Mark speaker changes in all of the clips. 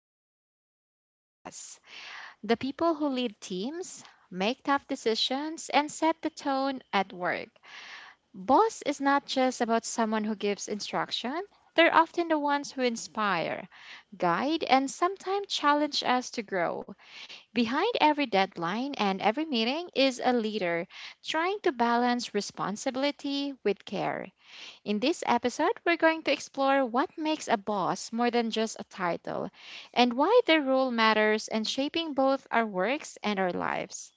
Speaker 1: talk about the boss, the people who lead teams, make tough decisions, and set the tone at work. Boss is not just about someone who gives instruction, they're often the ones who inspire, guide, and sometimes challenge us to grow. Behind every deadline and every meeting is a leader trying to balance responsibility with care. In this episode, we're going to explore what makes a boss more than just a title and why the role matters and shaping both our works and our lives.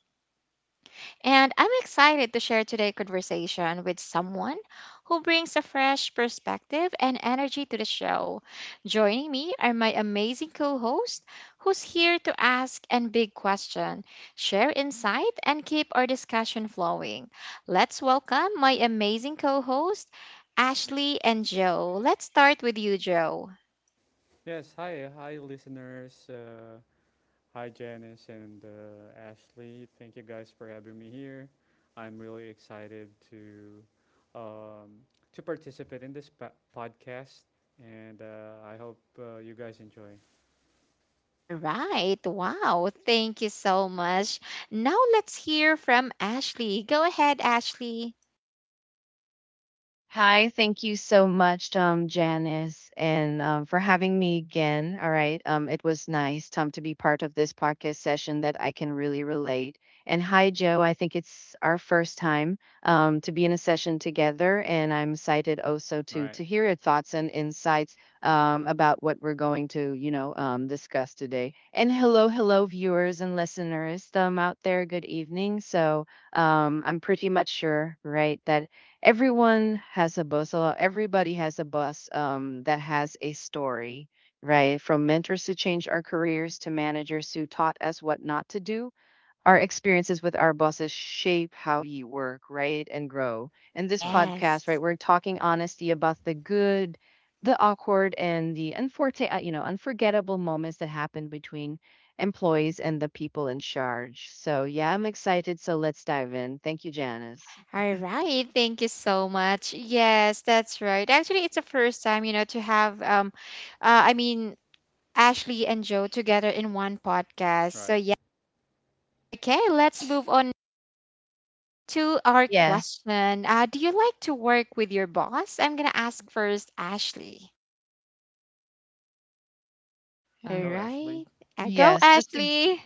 Speaker 1: And I'm excited to share today's conversation with someone who brings a fresh perspective and energy to the show. Joining me are my amazing co host, who's here to ask and big question, share insight, and keep our discussion flowing. Let's welcome my amazing co host, Ashley and Joe. Let's start with you, Joe.
Speaker 2: Yes, hi, listeners. Hi, Janice and Ashley. Thank you guys for having me here. I'm really excited um, to participate in this podcast, and I hope you guys enjoy.
Speaker 1: All right. Wow. Thank you so much. Now let's hear from Ashley. Go ahead, Ashley.
Speaker 3: Hi, thank you so much, Janice, and for having me again. All right, it was nice, Tom, to be part of this podcast session that I can really relate. And hi, Joe. I think it's our first time to be in a session together, and I'm excited also
Speaker 2: All
Speaker 3: to
Speaker 2: right,
Speaker 3: to hear your thoughts and insights about what we're going to, discuss today. And hello, hello, viewers and listeners out there. Good evening. So I'm pretty much sure, right, that everyone has a boss. So everybody has a boss that has a story, right? From mentors who changed our careers to managers who taught us what not to do. Our experiences with our bosses shape how we work, right? And grow. And this
Speaker 2: right,
Speaker 3: podcast, right,
Speaker 1: Yes.
Speaker 3: we're talking honesty about the good, the awkward, and the unforgettable moments that happen between employees and the people in charge. So, yeah, I'm excited. So let's dive in. Thank you, Janice.
Speaker 1: All right. Thank you so much. Yes, that's right. Actually, it's the first time, to have uh, I mean Ashley and Joe together in one podcast. So
Speaker 2: right.
Speaker 1: yeah. Okay, let's move on to our
Speaker 3: Yes.
Speaker 1: question. Do you like to work with your boss? I'm gonna ask first Ashley. All
Speaker 2: Go,
Speaker 1: right.
Speaker 2: Ashley.
Speaker 1: Go
Speaker 3: Yes, that's
Speaker 1: Ashley.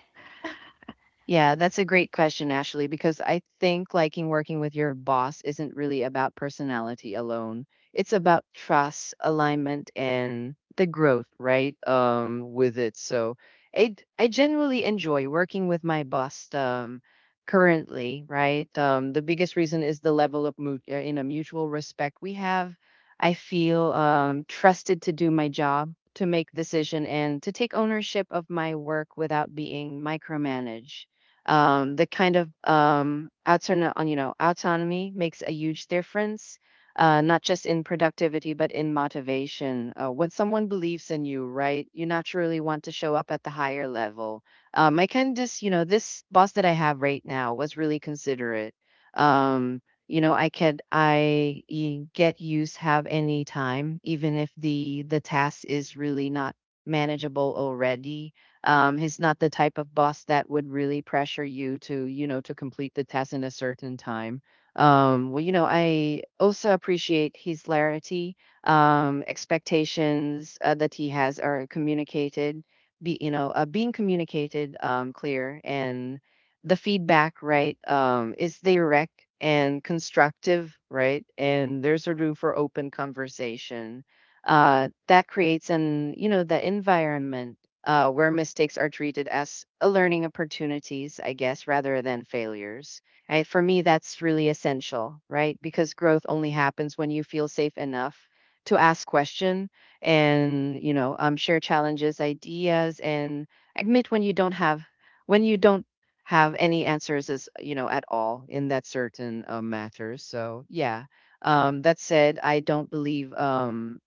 Speaker 3: a great question, Ashley, because I think liking working with your boss isn't really about personality alone. It's about trust, alignment, and the growth, right? With it. So I generally enjoy working with my boss currently, right? The biggest reason is the level of in a mutual respect we have. I feel trusted to do my job, to make decision, and to take ownership of my work without being micromanaged the kind of autono- on you know autonomy makes a huge difference, not just in productivity but in motivation. When someone believes in you, right, you naturally want to show up at the higher level. I kind of just, this boss that I have right now was really considerate. um, you know, I could get use have any time even if the task is really not manageable already. He's not the type of boss that would really pressure you to, you know, to complete the test in a certain time. Well, you know, I also appreciate his clarity. Expectations that he has are communicated, being communicated clear, and the feedback, right, is direct and constructive, right? And there's a room for open conversation that creates an, you know, the environment where mistakes are treated as a learning opportunities, I guess, rather than failures. For me, that's really essential, right? Because growth only happens when you feel safe enough to ask question, and you know, share challenges, ideas, and admit when you don't have, when you don't have any answers, as you know, at all in that certain matter. So yeah, that said, I don't believe,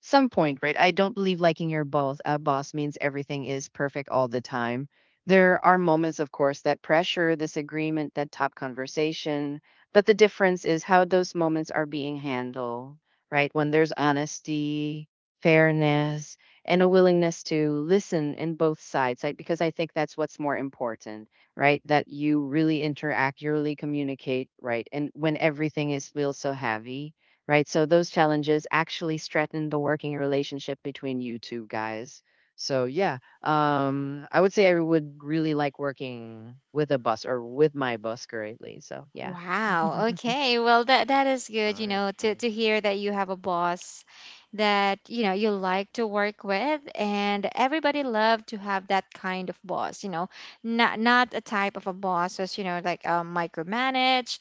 Speaker 3: some point, right? I don't believe liking your boss, boss means everything is perfect all the time. There are moments, of course, that pressure, disagreement, that top conversation, but the difference is how those moments are being handled, right? When there's honesty, fairness, and a willingness to listen in both sides, right? Because I think that's what's more important, right? That you really interact, you really communicate, right? And when everything is feels so heavy, right? So those challenges actually strengthen the working relationship between you two guys. So yeah, I would say I would really like working with a bus or with my bus currently. So yeah,
Speaker 1: Wow. Okay. Well, that is good,
Speaker 2: Nice.
Speaker 1: to hear that you have a boss that, you like to work with and everybody love to have that kind of boss, you know. Not a type of a boss that's, you know, like micromanage.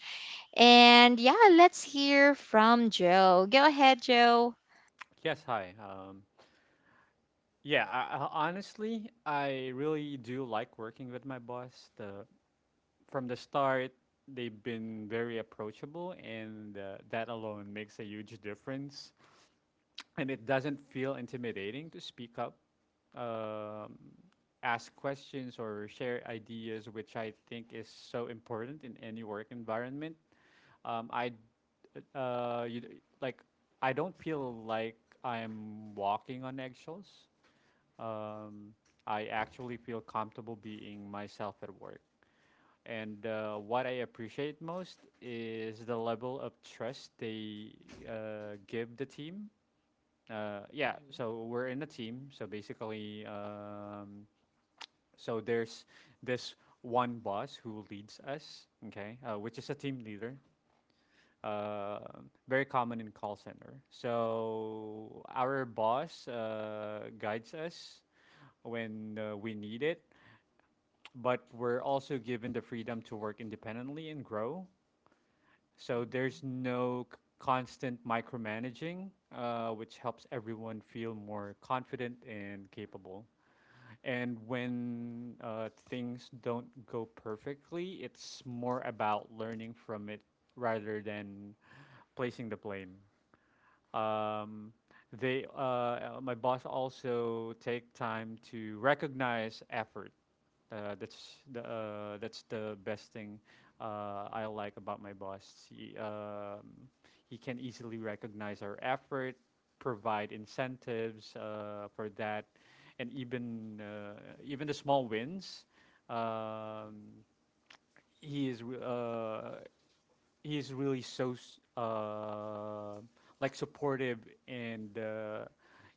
Speaker 1: And yeah, let's hear from Joe. Go ahead, Joe.
Speaker 2: Yes, hi. Yeah, honestly, I really do like working with my boss. The From the start, they've been very approachable, and that alone makes a huge difference. And it doesn't feel intimidating to speak up, um, ask questions, or share ideas, which I think is so important in any work environment. Um, I, d- uh, you, like, I don't feel like I'm walking on eggshells. Um, I actually feel comfortable being myself at work. And what I appreciate most is the level of trust they give the team. Yeah,
Speaker 3: You.
Speaker 2: so we're in a team. So basically, so there's this one boss who leads us, okay, which is a team leader. Uh, very common in call center. So our boss guides us when we need it, but we're also given the freedom to work independently and grow. So
Speaker 3: Uh-huh.
Speaker 2: there's no constant micromanaging, which helps everyone feel more confident and capable. And when things don't go perfectly, it's more about learning from it rather than placing the blame. Um, my boss also take time to recognize effort. That's the best thing I like about my boss. He can easily recognize our effort, provide incentives for that, and even the small wins. Um, he is re- uh, he's really like supportive and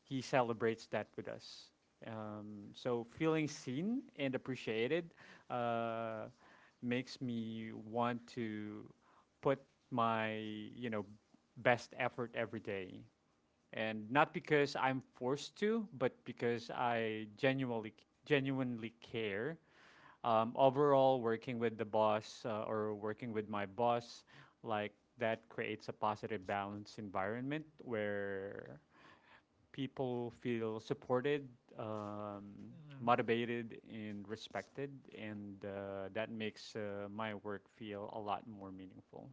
Speaker 2: he celebrates that with us. So feeling seen and appreciated uh, makes me want to put my you know best effort every day, and not because I'm forced to, but because I genuinely care. Overall, working with my boss like that creates a positive balance environment where people feel supported, um, motivated and respected, and that makes my work feel a lot more meaningful.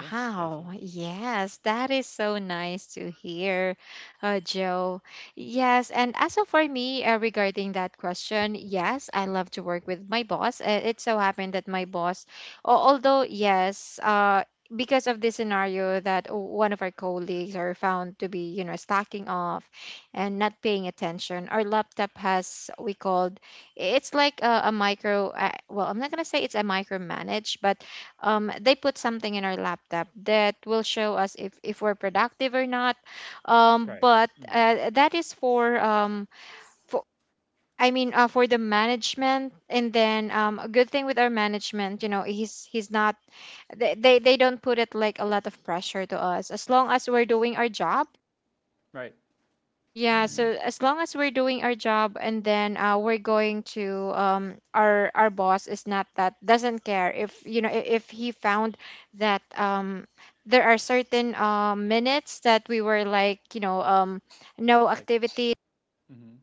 Speaker 2: Yeah, that's it.
Speaker 1: Yes, that is so nice to hear, Joe. Yes, and as of for me, regarding that question, yes, I love to work with my boss. It so happened that my boss, although because of this scenario that one of our colleagues are found to be, slacking off and not paying attention, our laptop has we called it's like a micro. Well, I'm not gonna say it's a micromanage, but they put something in our laptop that will show us if we're productive or not.
Speaker 2: That's right.
Speaker 1: But
Speaker 2: Mhm.
Speaker 1: that is for I mean For the management. And then a good thing with our management, you know, he's not they don't put it like a lot of pressure to us as long as we're doing our job.
Speaker 2: Right.
Speaker 1: Yeah,
Speaker 2: Hmm.
Speaker 3: Uh-huh.
Speaker 1: so as long as we're doing our job and then we're going to our boss is not that doesn't care if you know if he found that there are certain minutes that we were like no
Speaker 2: Like.
Speaker 1: activity.
Speaker 2: Hmm.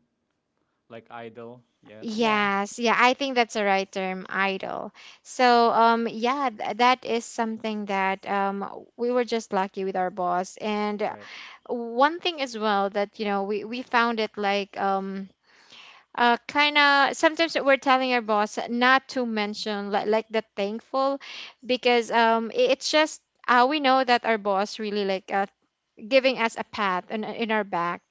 Speaker 2: Like idol, yes.
Speaker 3: Yeah.
Speaker 1: Yes, yeah, I think that's the right term, idle. So
Speaker 2: Hmm.
Speaker 1: yeah, that is something that we were just lucky with our boss. And
Speaker 2: Right.
Speaker 1: one thing as well that we found it like kind of sometimes we're telling our boss not to mention like the thankful because it's just we know that our boss really like giving us a pat in our back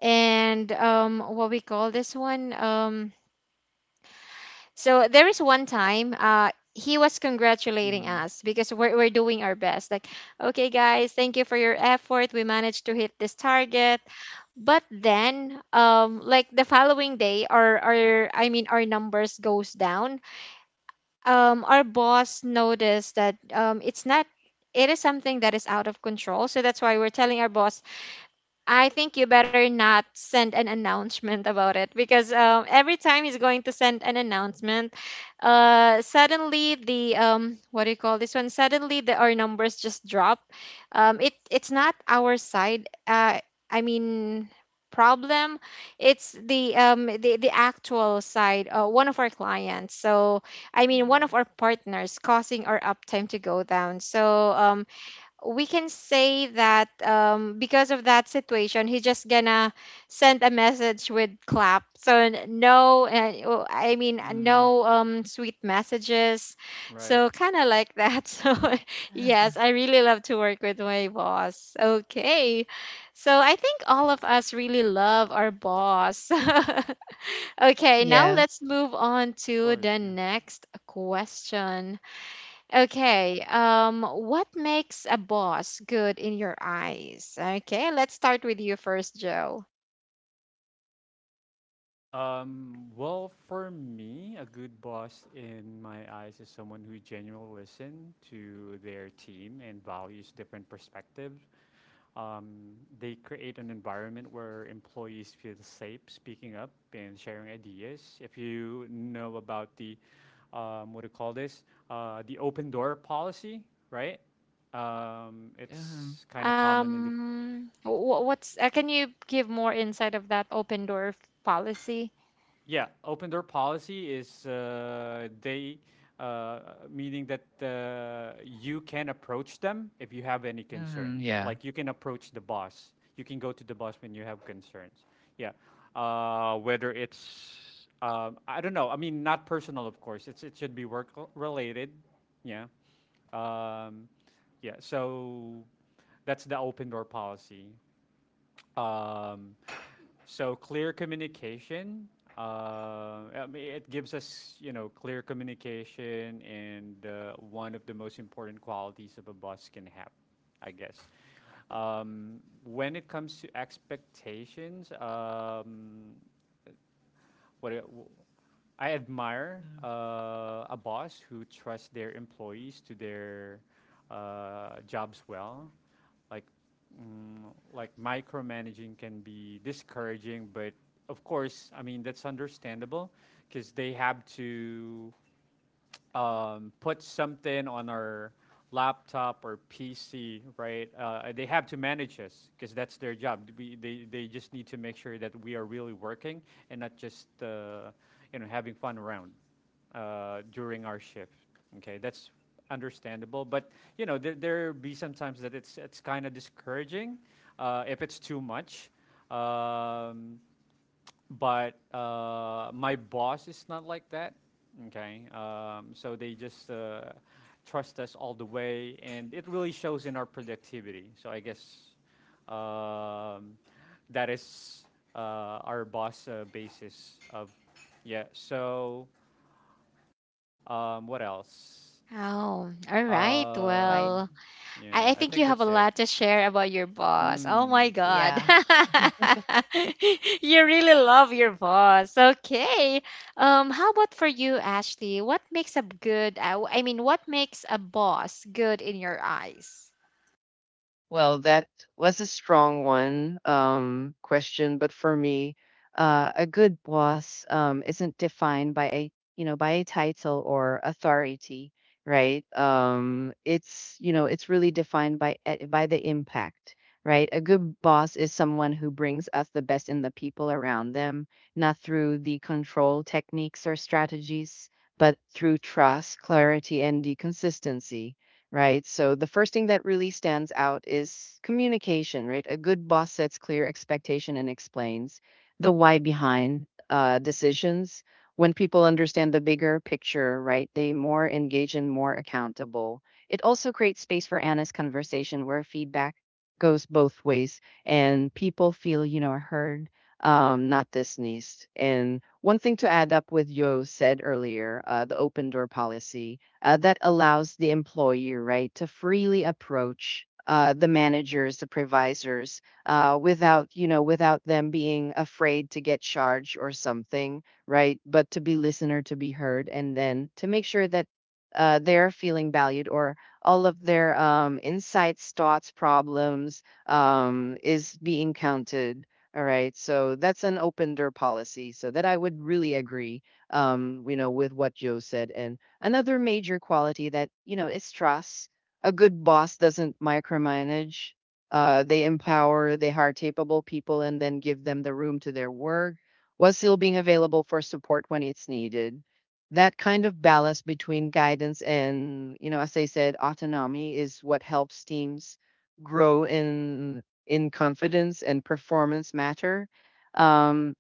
Speaker 1: and what we call this one um. So there is one time he was congratulating
Speaker 2: Hmm.
Speaker 1: us because we're doing our best like okay guys thank you for your effort we managed to hit this target. But then like the following day our our numbers goes down. Our boss noticed that it's not it is something that is out of control, so that's why we're telling our boss I think you better not send an announcement about it because every time he's going to send an announcement, suddenly the what do you call this one? Suddenly the our numbers just drop. It it's not our side. I mean problem. It's the actual side. One of our clients. So one of
Speaker 3: Mhm.
Speaker 1: our partners causing our uptime to go down. So um we can say that because of that situation, he just gonna send a message with clap. So
Speaker 2: Hmm.
Speaker 1: no sweet messages.
Speaker 2: Right. Of
Speaker 1: So kind of like that. So yes, I really love to work with my boss. Okay, so I think all of us really love our boss. Okay, now
Speaker 3: Yes.
Speaker 1: let's move on to
Speaker 2: course,
Speaker 1: the
Speaker 2: yeah.
Speaker 1: next question. Okay. What makes a boss good in your eyes? Okay, let's start with you first, Joe.
Speaker 2: Well, for me, a good boss in my eyes is someone who genuinely listens to their team and values different perspectives. Um, they create an environment where employees feel safe speaking up and sharing ideas. If you know about the, what do you call this, the open door policy, right?
Speaker 3: Um.
Speaker 2: It's kind of common in the—
Speaker 1: Wh- what's Can you give more insight of that open door policy?
Speaker 2: Yeah, open door policy is they uh, meaning that you can approach them if you have any
Speaker 3: Um.
Speaker 2: concerns.
Speaker 3: Yeah.
Speaker 2: Like you can approach the boss. You can go to the boss when you have concerns. Yeah, whether it's I don't know. I mean, not personal, of course. It's it should be related. Yeah, um, yeah. So that's the open door policy. Um, so clear communication. I mean, it gives us, you know, clear communication, and one of the most important qualities of a boss can have, I guess. When it comes to expectations, what it- w- I admire
Speaker 3: Uh.
Speaker 2: a boss who trusts their employees to their jobs well. Like, like micromanaging can be discouraging, but of course, I mean that's understandable because they have to put something on our laptop or PC, right? They have to manage us because that's their job. They just need to make sure that we are really working and not just you know having fun around during our shift. Okay, that's understandable. But you know there be sometimes that it's kind of discouraging if it's too much. Um, but my boss is not like that. Okay, so they just trust us all the way, and it really shows in our productivity. So I guess um, that is our boss basis of, yeah. So what else?
Speaker 1: Oh, all right.
Speaker 3: Right.
Speaker 2: Um,
Speaker 1: Well,
Speaker 2: yeah,
Speaker 1: I
Speaker 2: I
Speaker 1: think
Speaker 2: think
Speaker 1: you have a
Speaker 2: that's it.
Speaker 1: lot to share about your boss. Oh my
Speaker 2: Mm, true,
Speaker 1: God.
Speaker 3: Yeah.
Speaker 2: true.
Speaker 1: You really love your boss. Okay. How about for you, Ashley? What makes a good, I mean, what makes a boss good in your eyes?
Speaker 3: Well, that was a strong one question, but for me, a good boss isn't defined by a, you know, by a title or authority, right? It's, you know, it's really defined by by the impact, right? A good boss is someone who brings us the best in the people around them, not through the control techniques or strategies, but through trust, clarity, and the consistency. Right. So the first thing that really stands out is communication, right? A good boss sets clear expectation and explains the why behind decisions. When people understand the bigger picture, right, they more engage and more accountable. It also creates space for honest conversation where feedback goes both ways and people feel, you know, heard, not dismissed. And one thing to add up with Yo said earlier, the open door policy that allows the employer, right, to freely approach the managers, the provisors, without, you know, without them being afraid to get charged or something, right? But to be listener, to be heard, and then to make sure that they're feeling valued, or all of their insights, thoughts, problems is being counted. All right, so that's an open door policy. So that I would really agree, you know, with what Joe said. And another major quality that, you know, is trust. A good boss doesn't micromanage. They empower, they hire capable people and then give them the room to their work while still being available for support when it's needed. That kind of balance between guidance and, you know, as I said, autonomy is what helps teams grow in confidence and performance matter. Um,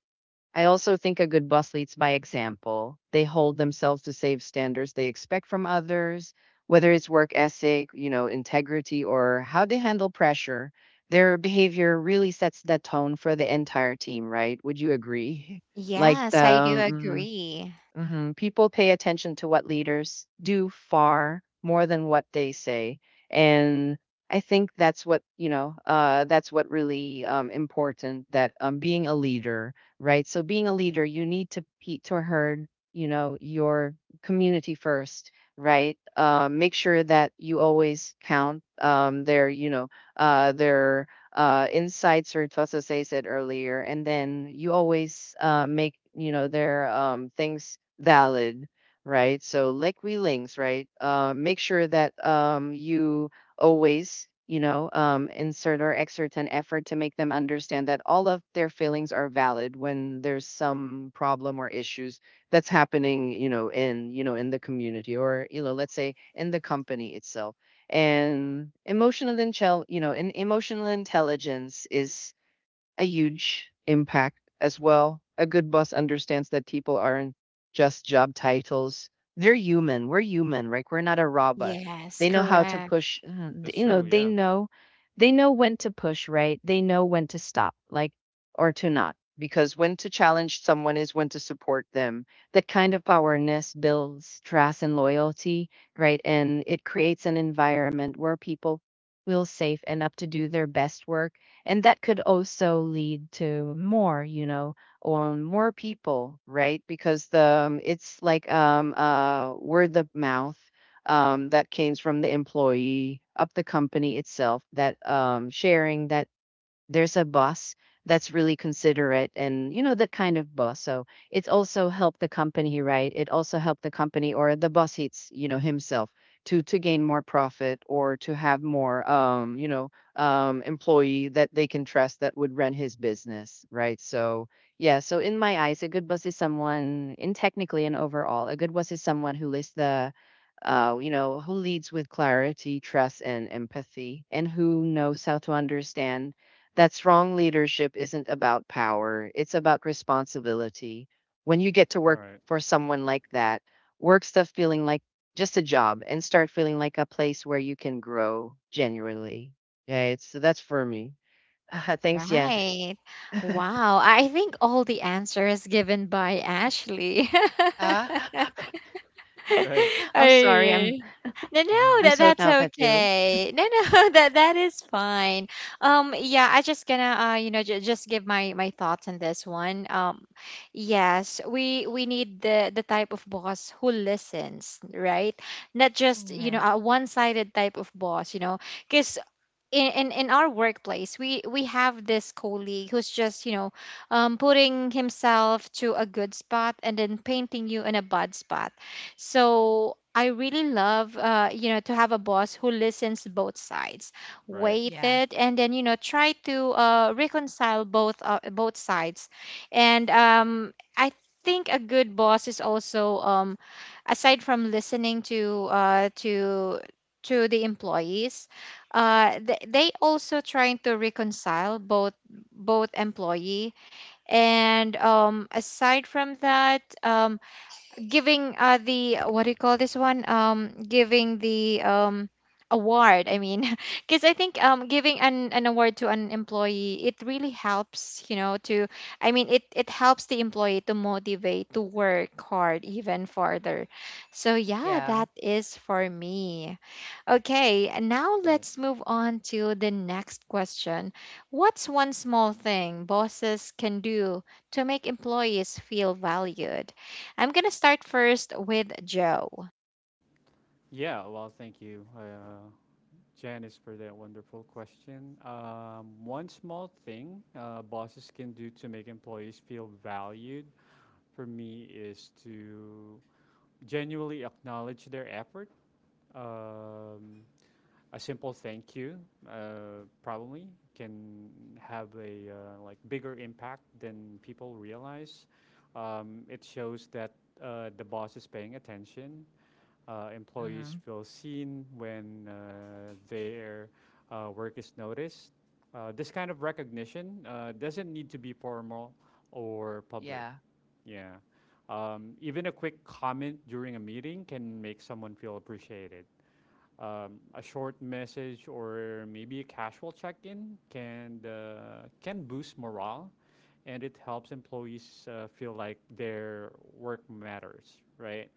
Speaker 3: I also think a good boss leads by example. They hold themselves to safe standards they expect from others, whether it's work ethic, you know, integrity, or how they handle pressure. Their behavior really sets the tone for the entire team, right? Would you agree? Like the
Speaker 1: Yes, I do
Speaker 3: mm-hmm.
Speaker 1: agree.
Speaker 3: Mhm. People pay attention to what leaders do far more than what they say, and I think that's what, you know. That's what really important, that being a leader, right? So being a leader, you need to to herd, you know, your community first, right? Make sure that you always count their, you know, their insights or thoughts, as I said earlier, and then you always make, you know, their things valid, right? So like we links, right? Make sure that, you always, you know, insert or exert an effort to make them understand that all of their feelings are valid when there's some problem or issues that's happening, you know, in, you know, in the community, or you know, let's say in the company itself. And emotional intel, you know, and emotional intelligence is a huge impact as well. A good boss understands that people aren't just job titles. They're human. We're human, right? We're not a robot.
Speaker 1: Yes,
Speaker 3: They know how to
Speaker 1: correct.
Speaker 3: push.
Speaker 2: That's
Speaker 3: You know,
Speaker 2: true.
Speaker 3: they
Speaker 2: Yeah.
Speaker 3: know, they know when to push, right? They know when to stop, like, or to not, because when to challenge someone is when to support them. That kind of awareness builds trust and loyalty, right? And it creates an environment where people feel safe enough to do their best work, and that could also lead to more, you know, or more people, right? Because the, it's like word of mouth, that came from the employee of the company itself, that, sharing that there's a boss that's really considerate, and you know, that kind of boss. So it's also helped the company, right? It also helped the company or the boss hits, you know, himself to gain more profit, or to have more, you know, employee that they can trust that would run his business, right? So yeah, so in my eyes, a good boss is someone, in technically and overall, a good boss is someone who lists the, you know, who leads with clarity, trust, and empathy, and who knows how to understand that strong leadership isn't about power, it's about responsibility. When you get to
Speaker 2: All
Speaker 3: work
Speaker 2: right.
Speaker 3: for someone like that, work stuff feeling like just a job and start feeling like a place where you can grow genuinely. Yeah, it's so that's for me. Thanks, yes.
Speaker 1: Right. Wow. I think all the answers given by Ashley.
Speaker 3: Uh,
Speaker 2: Right.
Speaker 3: I'm sorry.
Speaker 1: I no, no,
Speaker 3: I'm
Speaker 1: that
Speaker 3: so
Speaker 1: that's
Speaker 3: talkative.
Speaker 1: okay. No, no, that that is fine. Yeah, I just gonna just give my my thoughts on this one. Yes, we need the type of boss who listens, right? Not just you know
Speaker 3: Mhm.
Speaker 1: a one sided type of boss, you know, because in our workplace we have this colleague who's just you know putting himself to a good spot and then painting you in a bad spot, so I really love you know to have a boss who listens both sides,
Speaker 2: Right.
Speaker 1: weight
Speaker 3: Yeah.
Speaker 1: it and then you know try to reconcile both sides. And I think a good boss is also aside from listening to the employees, they also trying to reconcile both both employee and aside from that giving the what do you call this one giving the award I mean because I think giving an award to an employee it really helps you know to I mean it it helps the employee to motivate to work hard even further, so yeah
Speaker 3: Yeah.
Speaker 1: that is for me. Okay, and now
Speaker 2: Right.
Speaker 1: let's move on to the next question. What's one small thing bosses can do to make employees feel valued? I'm going to start first with Joe.
Speaker 2: Yeah, well, thank you, Janice, for that wonderful question. One small thing bosses can do to make employees feel valued for me is to genuinely acknowledge their effort. Um, a simple thank you probably can have a like bigger impact than people realize. It shows that the boss is paying attention. Employees
Speaker 3: Hmm.
Speaker 2: feel seen when their work is noticed. This kind of recognition doesn't need to be formal or public.
Speaker 3: Yeah.
Speaker 2: Yeah. Even a quick comment during a meeting can make someone feel appreciated. A short message or maybe a casual check-in can boost morale, and it helps employees feel like their work matters, right?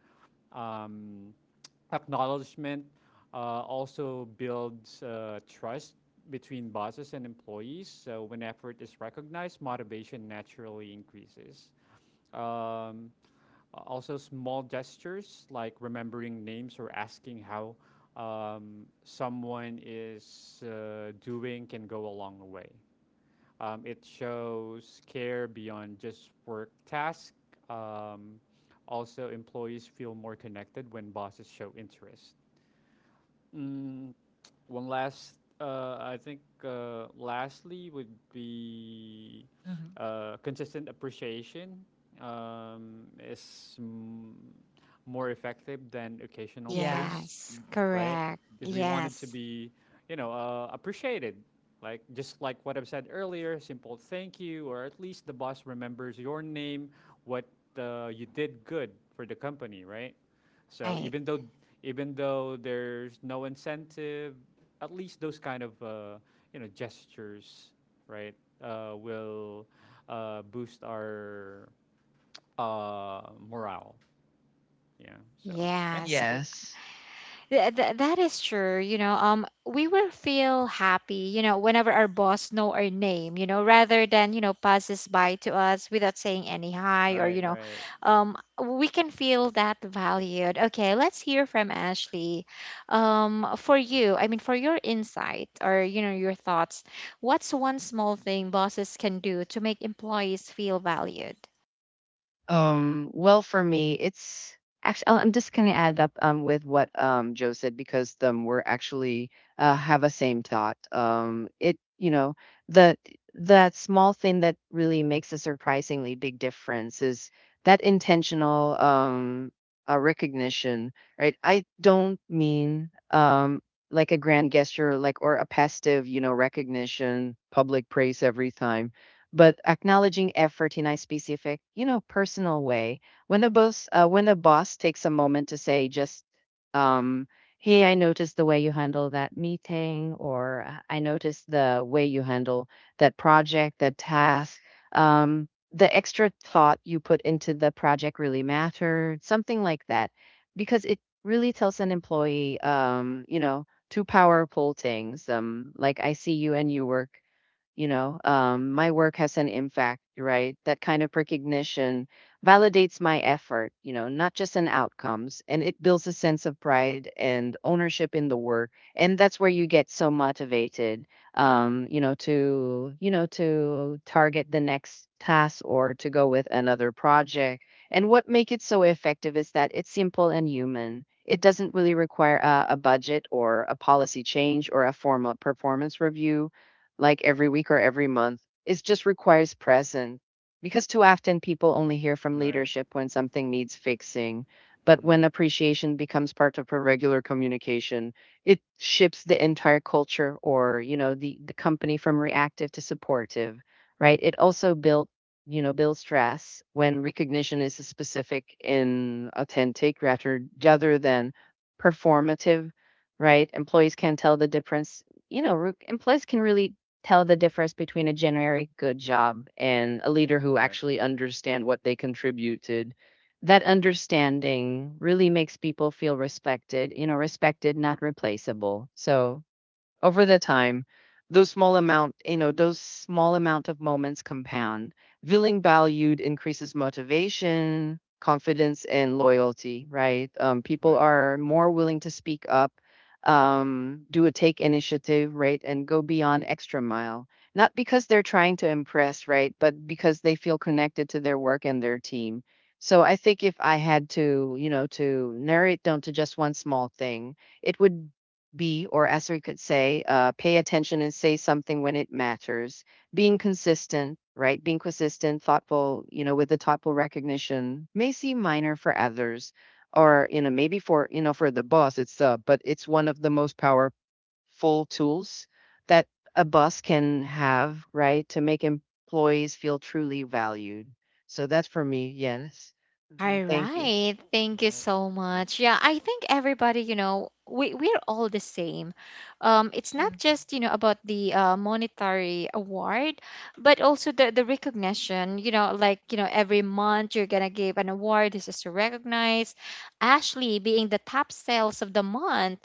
Speaker 2: um, Acknowledgement also builds trust between bosses and employees. So when effort is recognized, motivation naturally increases. Um, also, small gestures like remembering names or asking how someone is doing can go a long way. It shows care beyond just work tasks. Um, also, employees feel more connected when bosses show interest. Mm, one last, I think, lastly would be
Speaker 3: Hmm.
Speaker 2: consistent appreciation is more effective than occasional
Speaker 3: Yeah.
Speaker 2: praise,
Speaker 1: Yes, Mhm.
Speaker 2: right?
Speaker 1: correct.
Speaker 2: Because we wanted to
Speaker 1: Yes,
Speaker 2: be, you know, appreciated. Like just like what I've said earlier, simple thank you, or at least the boss remembers your name, what you did good for the company, right? So
Speaker 1: right.
Speaker 2: even though there's no incentive, at least those kind of gestures, right, will boost our morale. Yeah. So yeah,
Speaker 1: Yes.
Speaker 2: that's it.
Speaker 3: Yes.
Speaker 1: That is true. You know, we will feel happy, you know, whenever our boss know our name, you know, rather than, you know, passes by to us without saying any hi or,
Speaker 2: Right. Right.
Speaker 1: um, we can feel that valued. Okay, let's hear from Ashley. For your insight or, you know, your thoughts, what's one small thing bosses can do to make employees feel valued?
Speaker 3: Well, for me, it's actually, I'm just going to add up with what, Joe said, because we're actually have a same thought. It, you know, the that small thing that really makes a surprisingly big difference is that intentional, recognition, right? I don't mean, like a grand gesture, like, or a passive, you know, recognition, public praise every time, but acknowledging effort in a specific, you know, personal way. When the boss takes a moment to say, just, um, hey, I noticed the way you handle that meeting, or I noticed the way you handle that project, that task. The extra thought you put into the project really mattered, something like that, because it really tells an employee, you know, two powerful things. Like I see you and you work, my work has an impact, right? That kind of recognition validates my effort, not just in outcomes, and it builds a sense of pride and ownership in the work, and that's where you get so motivated to to target the next task or to go with another project. And what make it so effective is that it's simple and human. It doesn't really require a budget or a policy change or a formal performance review like every week or every month. It just requires presence, because too often people only hear from
Speaker 2: Right.
Speaker 3: leadership when something needs fixing. But
Speaker 2: Mm-hmm.
Speaker 3: when appreciation becomes part of a regular communication, it shifts the entire culture or, the company from reactive to supportive, right? It also builds trust when recognition is specific and authentic rather than performative, right? Employees can tell the difference. Employees can really tell the difference between a generic good job and a leader who
Speaker 2: Right.
Speaker 3: actually understand what they contributed. That understanding really makes people feel respected, respected, not replaceable. So over the time, those small amount of moments compound. Feeling valued increases motivation, confidence, and loyalty, right? People
Speaker 2: Right.
Speaker 3: are more willing to speak up, do a take initiative, right? And go beyond extra mile. Not because they're trying to impress, right? But because they feel connected to their work and their team. So I think if I had to, to narrow it down to just one small thing, it would B, or as we could say, pay attention and say something when it matters. Being consistent, right? Being consistent, thoughtful, with the thoughtful recognition may seem minor for others, or, maybe for, for the boss, but it's one of the most powerful tools that a boss can have, right? To make employees feel truly valued. So that's for me. Yes. Mhm.
Speaker 1: All
Speaker 3: Thank you.
Speaker 1: right. Thank you
Speaker 2: Right.
Speaker 1: so much.
Speaker 2: Nice.
Speaker 1: Yeah, I think everybody, you know, we we're all the same. It's not
Speaker 3: Mm,
Speaker 1: just, you know, about the monetary award, but also the recognition, you know, like, you know, every month you're gonna give an award. This is to recognize Ashley being the top sales of the month.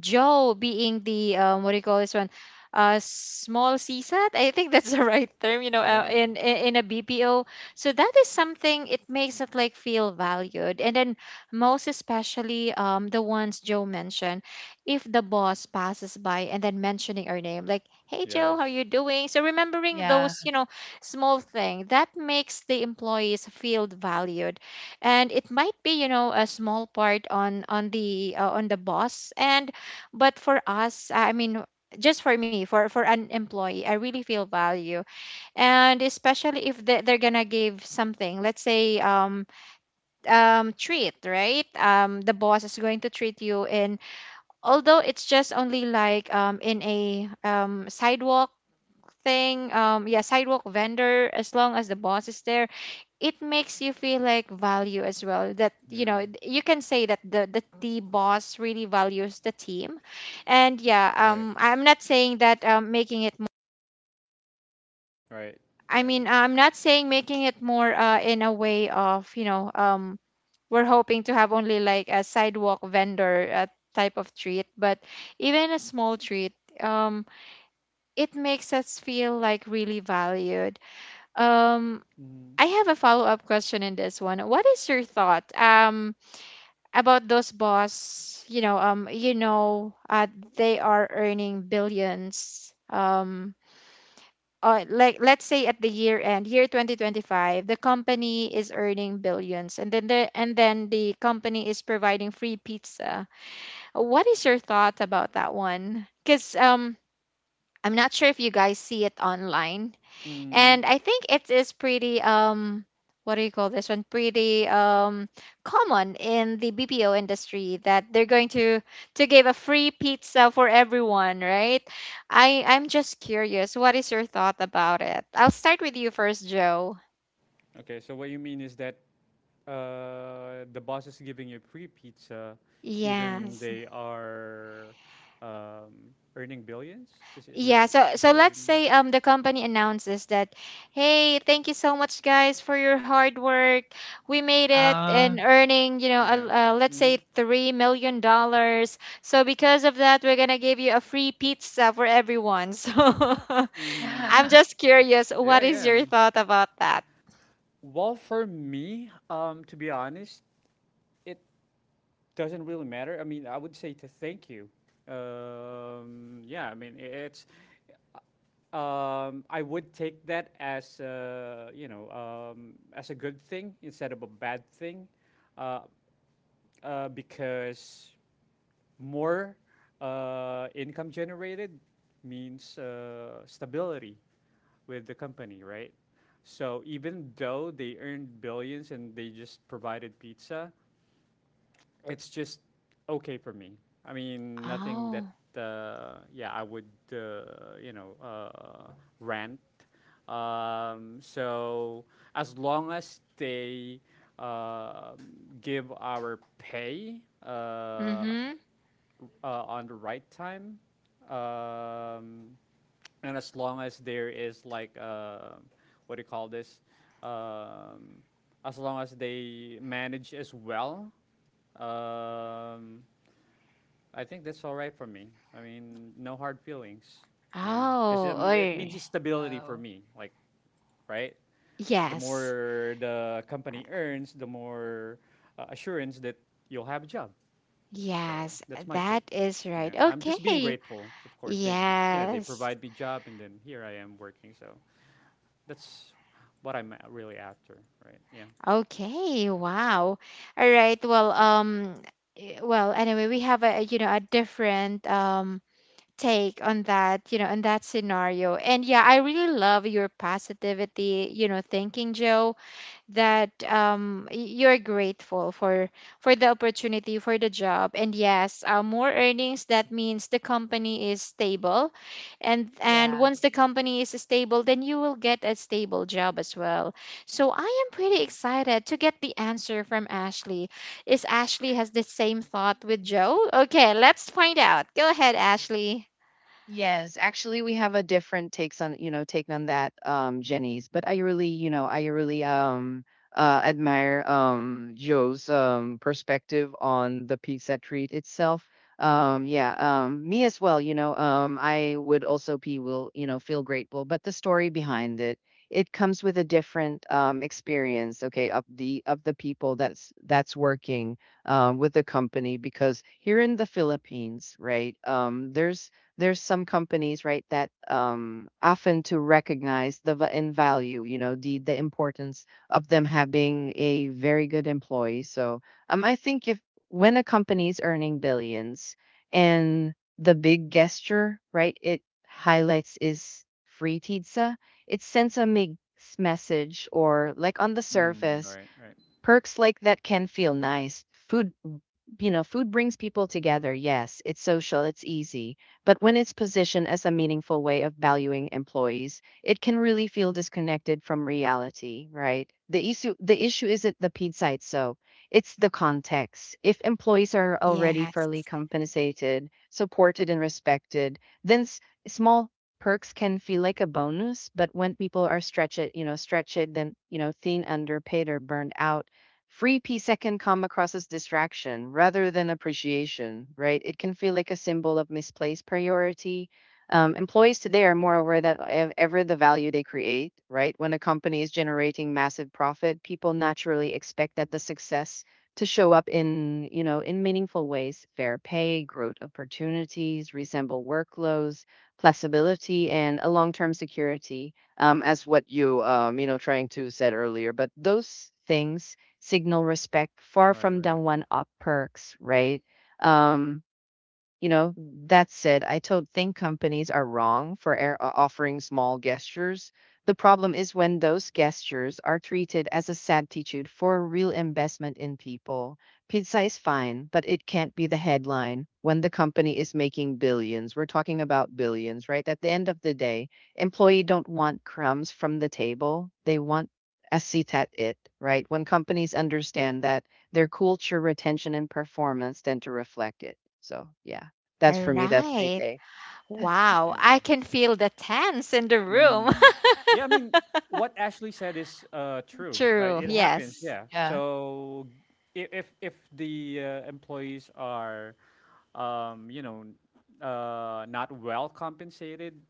Speaker 1: Joe being the what do you call this one? Small CSAT. I think that's the right term, you know,
Speaker 2: Yeah. Yeah.
Speaker 1: in a BPO. So that is something it makes it like feel valued. And then most especially the ones Joe mentioned, if the boss passes by and then mentioning our name, like, "Hey Joe, how
Speaker 2: Yes.
Speaker 1: you doing?" So remembering
Speaker 3: yeah.
Speaker 1: those, you know, small thing that makes the employees feel valued and it might be you know a small part on the boss and but for us I mean just for me for an employee I really feel value and especially if they, they're gonna give something let's say treat right the boss is going to treat you in although it's just only like in a sidewalk thing yeah sidewalk vendor as long as the boss is there it makes you feel like value as well that you
Speaker 2: Yeah.
Speaker 1: know you can say that the boss really values the team, and yeah
Speaker 2: Right.
Speaker 1: I'm not saying that making it
Speaker 2: Right.
Speaker 1: I
Speaker 2: Yeah.
Speaker 1: mean, I'm not saying making it more in a way of, you know, we're hoping to have only like a sidewalk vendor type of treat, but even a small treat, um, it makes us feel like really valued. Um,
Speaker 2: Mm-hmm.
Speaker 1: I have a follow up question in this one. What is your thought about those boss? You know, they are earning billions. Like let's say at the year end, year 2025, the company is earning billions, and then the company is providing free pizza. What is your thought about that one? Because I'm not sure if you guys see it online,
Speaker 2: Mm.
Speaker 1: and I think it is pretty what do you call this one? Pretty common in the BPO industry that they're going to give a free pizza for everyone, right? I'm just curious, what is your thought about it? I'll start with you first, Joe.
Speaker 2: Okay. So what you mean is that the boss is giving you free pizza, even
Speaker 1: Yes.
Speaker 2: they are earning billions. Is that
Speaker 1: Yeah,
Speaker 2: what—
Speaker 1: so
Speaker 2: is
Speaker 1: so
Speaker 2: that what you
Speaker 1: let's
Speaker 2: mean?
Speaker 1: say the company announces that, hey, thank you so much guys for your hard work. We made it
Speaker 3: Uh,
Speaker 1: and earning, you know, uh,
Speaker 2: Yeah.
Speaker 1: uh, let's
Speaker 2: Mm-hmm.
Speaker 1: say $3 million. So because of that, we're gonna give you a free pizza for everyone. So
Speaker 2: Mm-hmm.
Speaker 1: I'm just curious, what is
Speaker 2: Yeah. I
Speaker 1: your
Speaker 2: mean,
Speaker 1: thought about that?
Speaker 2: well, for me, to be honest, it doesn't really matter. I mean, I would say to thank you. Yeah, I mean, it's I would take that as as a good thing instead of a bad thing. Uh, because more income generated means stability with the company, right? So even though they earned billions and they just provided pizza, it's just okay for me. I mean, nothing that
Speaker 1: Oh,
Speaker 2: yeah, I would uh, you know uh, rant. So as long as they uh, give our pay
Speaker 1: mm-hmm.
Speaker 2: on the right time, um, and as long as there is like what do you call this? Um, as long as they manage as well, um, I think that's all right for me. I mean, no hard feelings. Yeah, because
Speaker 1: Oh,
Speaker 2: it
Speaker 1: or
Speaker 2: means it's stability for
Speaker 3: oh,
Speaker 2: me. Like, right? The
Speaker 1: yes,
Speaker 2: more the company earns, the more assurance that you'll have a job. So
Speaker 1: yes,
Speaker 2: that's my take.
Speaker 1: that is
Speaker 2: Yeah,
Speaker 1: right.
Speaker 2: I'm just being
Speaker 1: Okay,
Speaker 2: grateful. Of course, you know they
Speaker 1: yes.
Speaker 2: provide me job, and then here I am working. So that's what really after, right? Yeah.
Speaker 1: Okay, wow. All right. Well, well, anyway, we have a a different take on that, on that scenario. And yeah, I really love your positivity, thinking, Joe, that you're grateful for the opportunity, for the job, and yes, more earnings, that means the company is stable, and
Speaker 3: yeah.
Speaker 1: once the company is stable then you will get a stable job as well. So I am pretty excited to get the answer from Ashley. Is Ashley has the same thought with Joe? Okay, let's find out. Go ahead, Ashley.
Speaker 3: Yes, actually, we have a different take on that, Jenny's. But I really, I really admire Joe's perspective on the pizza treat itself. Yeah, me as well. I would also be will you know feel grateful. But the story behind it, it comes with a different experience. Okay, of the people that's working with the company because here in the Philippines, right? There's some companies, right, that often to recognize in value, the importance of them having a very good employee. So I think if when a company is earning billions and the big gesture, right, it highlights is free pizza, it sends message or like on the
Speaker 2: Mm,
Speaker 3: surface,
Speaker 2: right, right,
Speaker 3: perks like that can feel nice. Food, food brings people together. Yes, it's social, it's easy. But when it's positioned as a meaningful way of valuing employees, it can really feel disconnected from reality, right? The issue isn't the pizza so it's the context. If employees are already
Speaker 1: Yes.
Speaker 3: fairly compensated, supported and respected, then s- small perks can feel like a bonus, but when people are stretched, stretched then, thin, underpaid or burned out, free pizza can come across as distraction rather than appreciation, right? It can feel like a symbol of misplaced priority. Employees today are more aware ever the value they create, right? When a company is generating massive profit, people naturally expect that the success to show up in, in meaningful ways, fair pay, growth opportunities, reasonable workloads, flexibility, and a long-term security, as what you, trying to said earlier. But those things signal respect far
Speaker 2: right,
Speaker 3: from the
Speaker 2: right.
Speaker 3: one up perks, right? Um, you know, that said, I don't think companies are wrong for offering small gestures. The problem is when those gestures are treated as a substitute for a real investment in people. Pizza is fine, but it can't be the headline when the company is making billions. We're talking about billions, right? At the end of the day, employee don't want crumbs from the table. They want a seat at it, right? When companies understand that their culture, retention, and performance tend to reflect it. So, yeah. That's
Speaker 1: All
Speaker 3: for me, that's any
Speaker 1: right.
Speaker 3: day.
Speaker 1: Wow, I
Speaker 2: Yeah.
Speaker 1: can feel the tense in the room.
Speaker 2: Mm. Yeah, I mean, what Ashley said is true,
Speaker 1: True,
Speaker 2: right? It happens,
Speaker 1: yes.
Speaker 2: yeah.
Speaker 3: Yeah.
Speaker 2: So if the employees are, um, you know, not well compensated,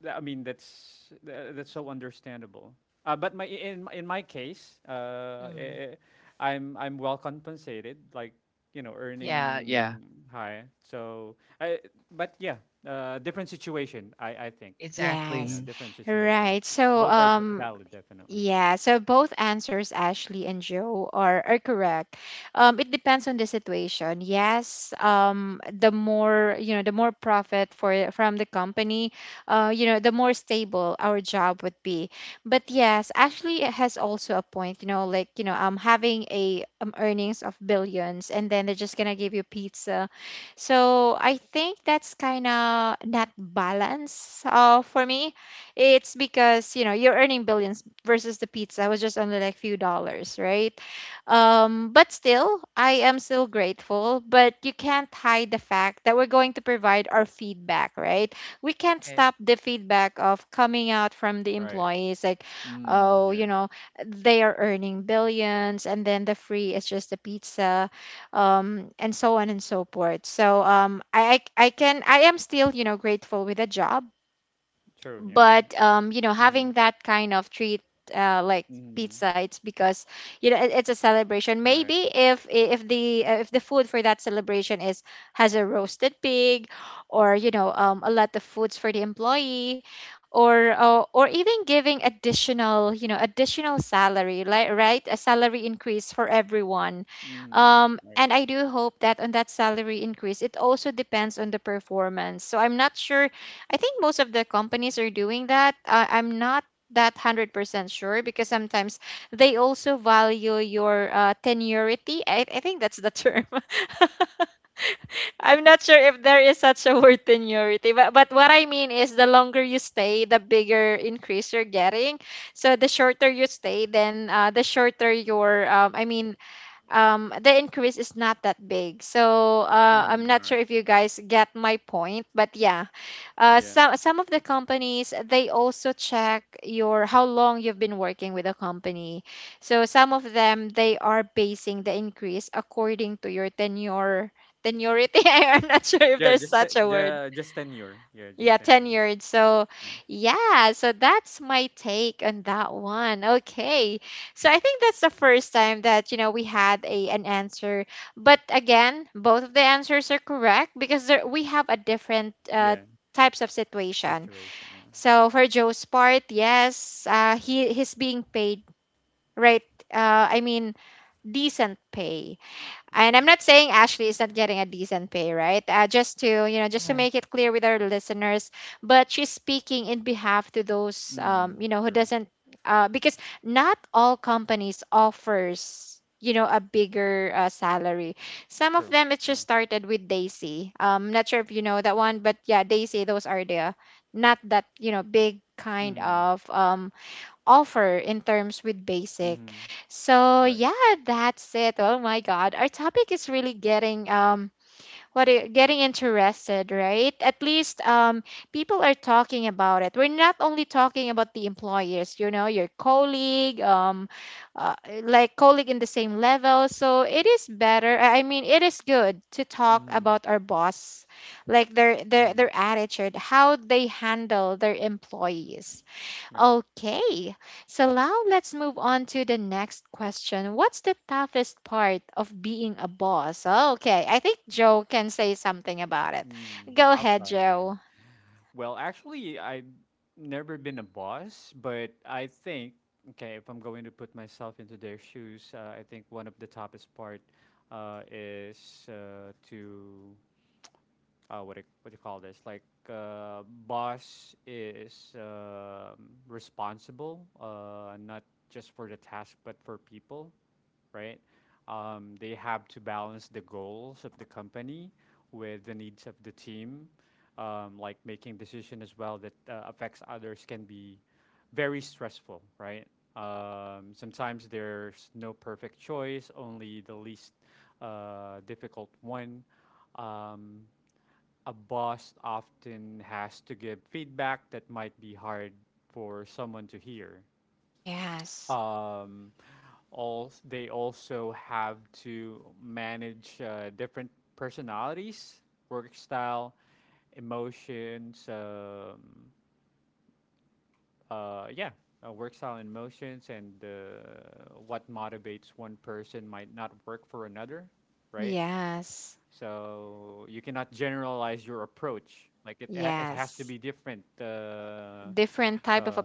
Speaker 2: that's so understandable. But my in my case,
Speaker 3: Mhm.
Speaker 2: I'm well compensated, like you know,
Speaker 3: Yeah, yeah.
Speaker 2: earning high. So I— but yeah, different situation, I think
Speaker 3: Exactly.
Speaker 2: you know,
Speaker 1: Yes.
Speaker 3: Mm.
Speaker 2: different situation.
Speaker 1: Right. So
Speaker 2: Both are valid, definitely.
Speaker 1: yeah, so both answers, Ashley and Joe, are correct. It depends on the situation. Yes, the more, the more profit for from the company, the more stable our job would be. But yes, Ashley has also a point. You know, having a earnings of billions, and then they're just gonna give you pizza. So I think that's kind of not balance, for me it's because, you're earning billions versus the pizza was just only like few dollars, right? But still, I am still grateful, but you can't hide the fact that we're going to provide our feedback, right? We can't
Speaker 3: Right.
Speaker 1: stop the feedback of coming out from the
Speaker 2: Right.
Speaker 1: employees like,
Speaker 2: Mm,
Speaker 1: oh,
Speaker 2: yes.
Speaker 1: they are earning billions and then the free is just the pizza, and so on and so forth. So I am still grateful with a job,
Speaker 2: True. Yeah.
Speaker 1: but
Speaker 2: Yeah. Mm,
Speaker 1: having that kind of treat, like
Speaker 2: mm,
Speaker 1: pizza, it's because it's a celebration.
Speaker 2: all right.
Speaker 1: Maybe if the if the food for that celebration is has a roasted pig, or a lot of foods for the employee, or even giving additional additional salary, like, right, a salary increase for everyone,
Speaker 2: Mm, right.
Speaker 1: and I do hope that on that salary increase it also depends on the performance, so I'm not sure. I think most of the companies are doing that. I'm not that 100% sure, because sometimes they also value your tenurity. I think that's the term. I'm not sure if there is such a word, tenurity, but what I mean is the longer you stay, the bigger increase you're getting. So the shorter you stay, then the shorter your, I mean, the increase is not that big. So I'm
Speaker 2: Mm, all
Speaker 1: not
Speaker 2: right.
Speaker 1: sure if you guys get my point, but yeah,
Speaker 2: Yeah.
Speaker 1: some of the companies they also check your how long you've been working with a company. So some of them they are basing the increase according to your tenure, tenurity. I'm not sure if
Speaker 2: Yeah.
Speaker 1: there's
Speaker 2: Just
Speaker 3: Yeah.
Speaker 2: te-
Speaker 1: such a word.
Speaker 2: the just tenure. Yeah. Just
Speaker 1: Yeah,
Speaker 2: tenure.
Speaker 1: tenured. So,
Speaker 2: Yeah.
Speaker 1: yeah, so that's my take on that one. Okay. So, I think that's the first time that, we had a an answer. But again, both of the answers are correct, because there, we have a different
Speaker 2: Yeah.
Speaker 1: types of
Speaker 2: s-
Speaker 1: situation.
Speaker 2: Situation. Yeah.
Speaker 1: So, for Joe's part, yes, he's being paid, right? I mean, decent pay. And
Speaker 2: Mm,
Speaker 1: I'm not saying Ashley is not getting a decent pay, right? Just to just to
Speaker 3: Right.
Speaker 1: make it clear with our listeners, but she's speaking in behalf to those
Speaker 2: mm,
Speaker 1: who
Speaker 2: true.
Speaker 1: doesn't, because not all companies offers a bigger salary. Some of
Speaker 2: True.
Speaker 1: them it just
Speaker 2: Yeah.
Speaker 1: started with Daisy. Not sure if you know that one, but yeah, Daisy. Those are the not that big kind
Speaker 2: Mm,
Speaker 1: of offer in terms with basic.
Speaker 2: mm,
Speaker 1: So
Speaker 2: right.
Speaker 1: yeah, that's it. Oh my god, our topic is really getting getting interested, right? At least people are talking about it. We're not only talking about the employers, your colleague, uh, like colleague in the same level. So it is better. I mean, it is good to talk
Speaker 2: Mm,
Speaker 1: about our boss, like their their
Speaker 2: mm,
Speaker 1: their attitude, how they handle their employees.
Speaker 2: yeah.
Speaker 1: Okay, so now let's move on to the next question. What's the toughest part of being a boss? Okay, I think Joe can say something about it. Go
Speaker 2: I'll
Speaker 1: ahead,
Speaker 2: try. Yeah.
Speaker 1: Joe.
Speaker 2: Well, actually, I've never been a boss, but I think, okay, if I'm going to put myself into their shoes, I think one of the toughest part is to what do you call this? Like boss is responsible, not just for the task but for people, right? They have to balance the goals of the company with the needs of the team, like making decision as well that affects others can be very stressful, right? Sometimes there's no perfect choice, only the least difficult one. Um, a boss often has to give feedback that might be hard for someone to hear.
Speaker 1: Yes,
Speaker 2: Um, all they also have to manage different personalities, work style, emotions. Uh, yeah, work style and emotions, and what motivates one person might not work for another, right?
Speaker 1: yes,
Speaker 2: So you cannot generalize your approach. It has to
Speaker 1: yes.
Speaker 2: be different.
Speaker 1: Different type of
Speaker 2: Uh,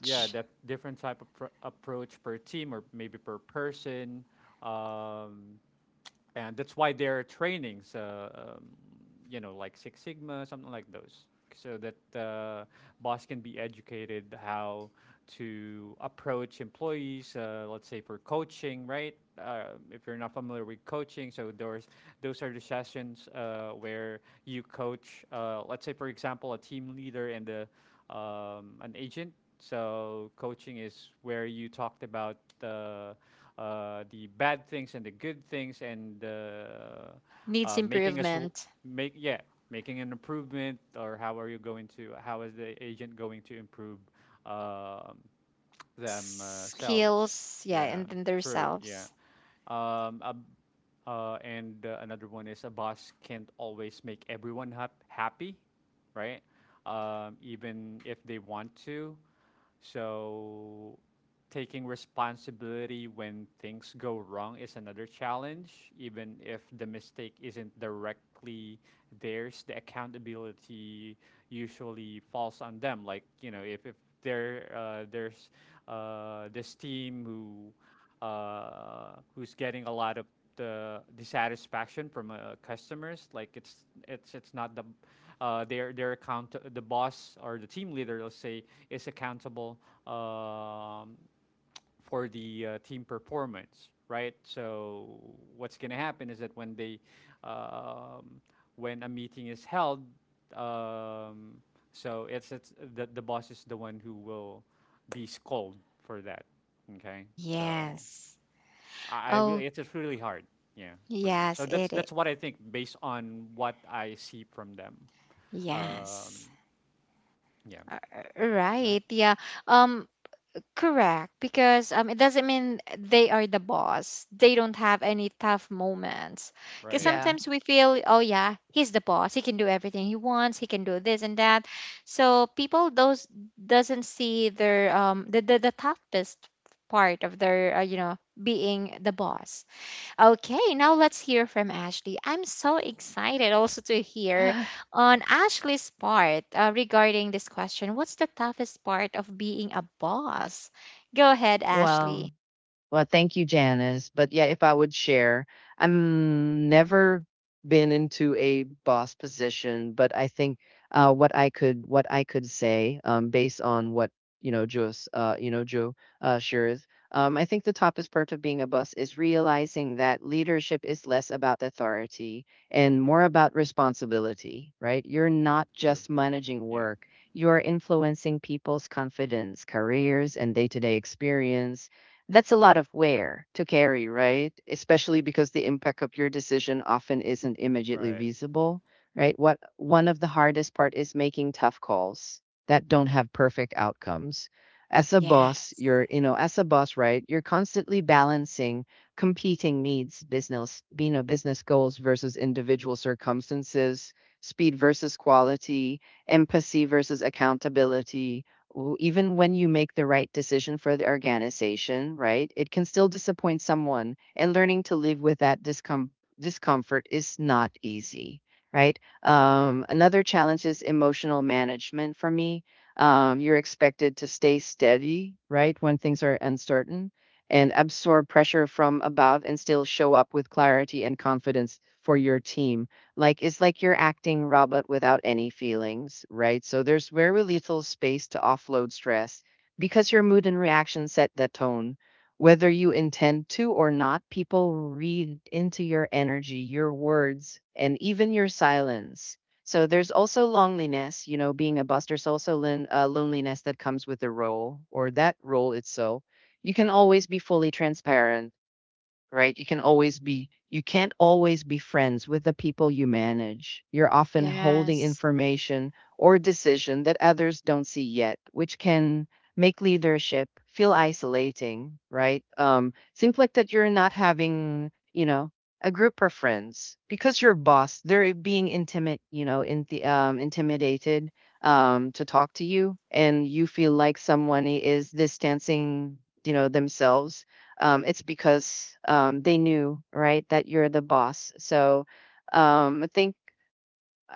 Speaker 2: yeah, that different type of approach per team or maybe per person. Um, and that's why there are trainings, um, like Six Sigma, something like those, so that boss can be educated how to approach employees. Let's say for coaching, right? If you're not familiar with coaching, so those are the sessions where you coach. Let's say, for example, a team leader and the an agent. So coaching is where you talked about the bad things and the good things and
Speaker 1: Needs
Speaker 2: making a sol-
Speaker 1: improvement,
Speaker 2: make yeah making an improvement or how is the agent going to improve um, themselves.
Speaker 1: skills, yeah,
Speaker 2: Yeah,
Speaker 1: and then
Speaker 2: true. Yeah.
Speaker 1: themselves.
Speaker 2: A, and Another one is a boss can't always make everyone happy, right? Even if they want to. So taking responsibility when things go wrong is another challenge, even if the mistake isn't directly theirs, the accountability usually falls on them. Like, you know, if there's this team who who's getting a lot of the dissatisfaction from customers, like it's not the boss or the team leader, let's say, is accountable um, for the team performance, right? So what's going to happen is that um, when a meeting is held, um, so the boss is the one who will be scolded for that. Okay, so
Speaker 1: Yes.
Speaker 2: I really
Speaker 1: Oh,
Speaker 2: it's just really hard, yeah, for me. So
Speaker 1: yes,
Speaker 2: that's
Speaker 1: it
Speaker 2: that's
Speaker 1: is.
Speaker 2: what I think based on what I see from them.
Speaker 1: Yes.
Speaker 2: Um, yeah,
Speaker 1: All
Speaker 2: right,
Speaker 1: right. Yeah. Um Correct, because it doesn't mean they are the boss, they don't have any tough moments. Because
Speaker 2: right,
Speaker 3: Yeah.
Speaker 1: sometimes we feel, oh yeah, he's the boss, he can do everything he wants, he can do this and that. So people those doesn't see their the toughest part of their being the boss. Okay, now let's hear from Ashley. I'm so excited also to hear on Ashley's part, regarding this question. What's the toughest part of being a boss? Go ahead, Ashley.
Speaker 3: Well, well, thank you, Janice. But yeah, if I would share, I'm never been into a boss position, but I think what I could say based on what you know Joe's you know Joe shares, I think the toughest part of being a boss is realizing that leadership is less about authority and more about responsibility. Right? You're not
Speaker 2: true,
Speaker 3: just managing
Speaker 2: yeah,
Speaker 3: work; you're influencing people's confidence, careers, and day-to-day experience. That's a lot of wear to carry, right? Especially because the impact of your decision often isn't immediately
Speaker 2: right,
Speaker 3: visible, right? What one of the hardest part is making tough calls that don't have perfect outcomes. As a
Speaker 1: Yes,
Speaker 3: boss, as a boss, right? You're constantly balancing competing needs, business goals versus individual circumstances, speed versus quality, empathy versus accountability. Even when you make the right decision for the organization, right, it can still disappoint someone. And learning to live with discomfort is not easy, right? Another challenge is emotional management for me. You're expected to stay steady, right, when things are uncertain and absorb pressure from above and still show up with clarity and confidence for your team, like it's like you're acting robot without any feelings, right? So there's very little space to offload stress because your mood and reaction set the tone. Whether you intend to or not, people read into your energy, your words, and even your silence. So there's also loneliness, being a boss, there's also loneliness that comes with the role or that role itself. You can always be fully transparent, right? You can always be, you can't always be friends with the people you manage. You're often holding
Speaker 1: yes,
Speaker 3: information or decision that others don't see yet, which can make leadership feel isolating, right? Seems like that you're not having, a group of friends because your boss, they're being intimate, intimidated to talk to you, and you feel like someone is distancing, themselves, it's because they knew, right, that you're the boss. So I think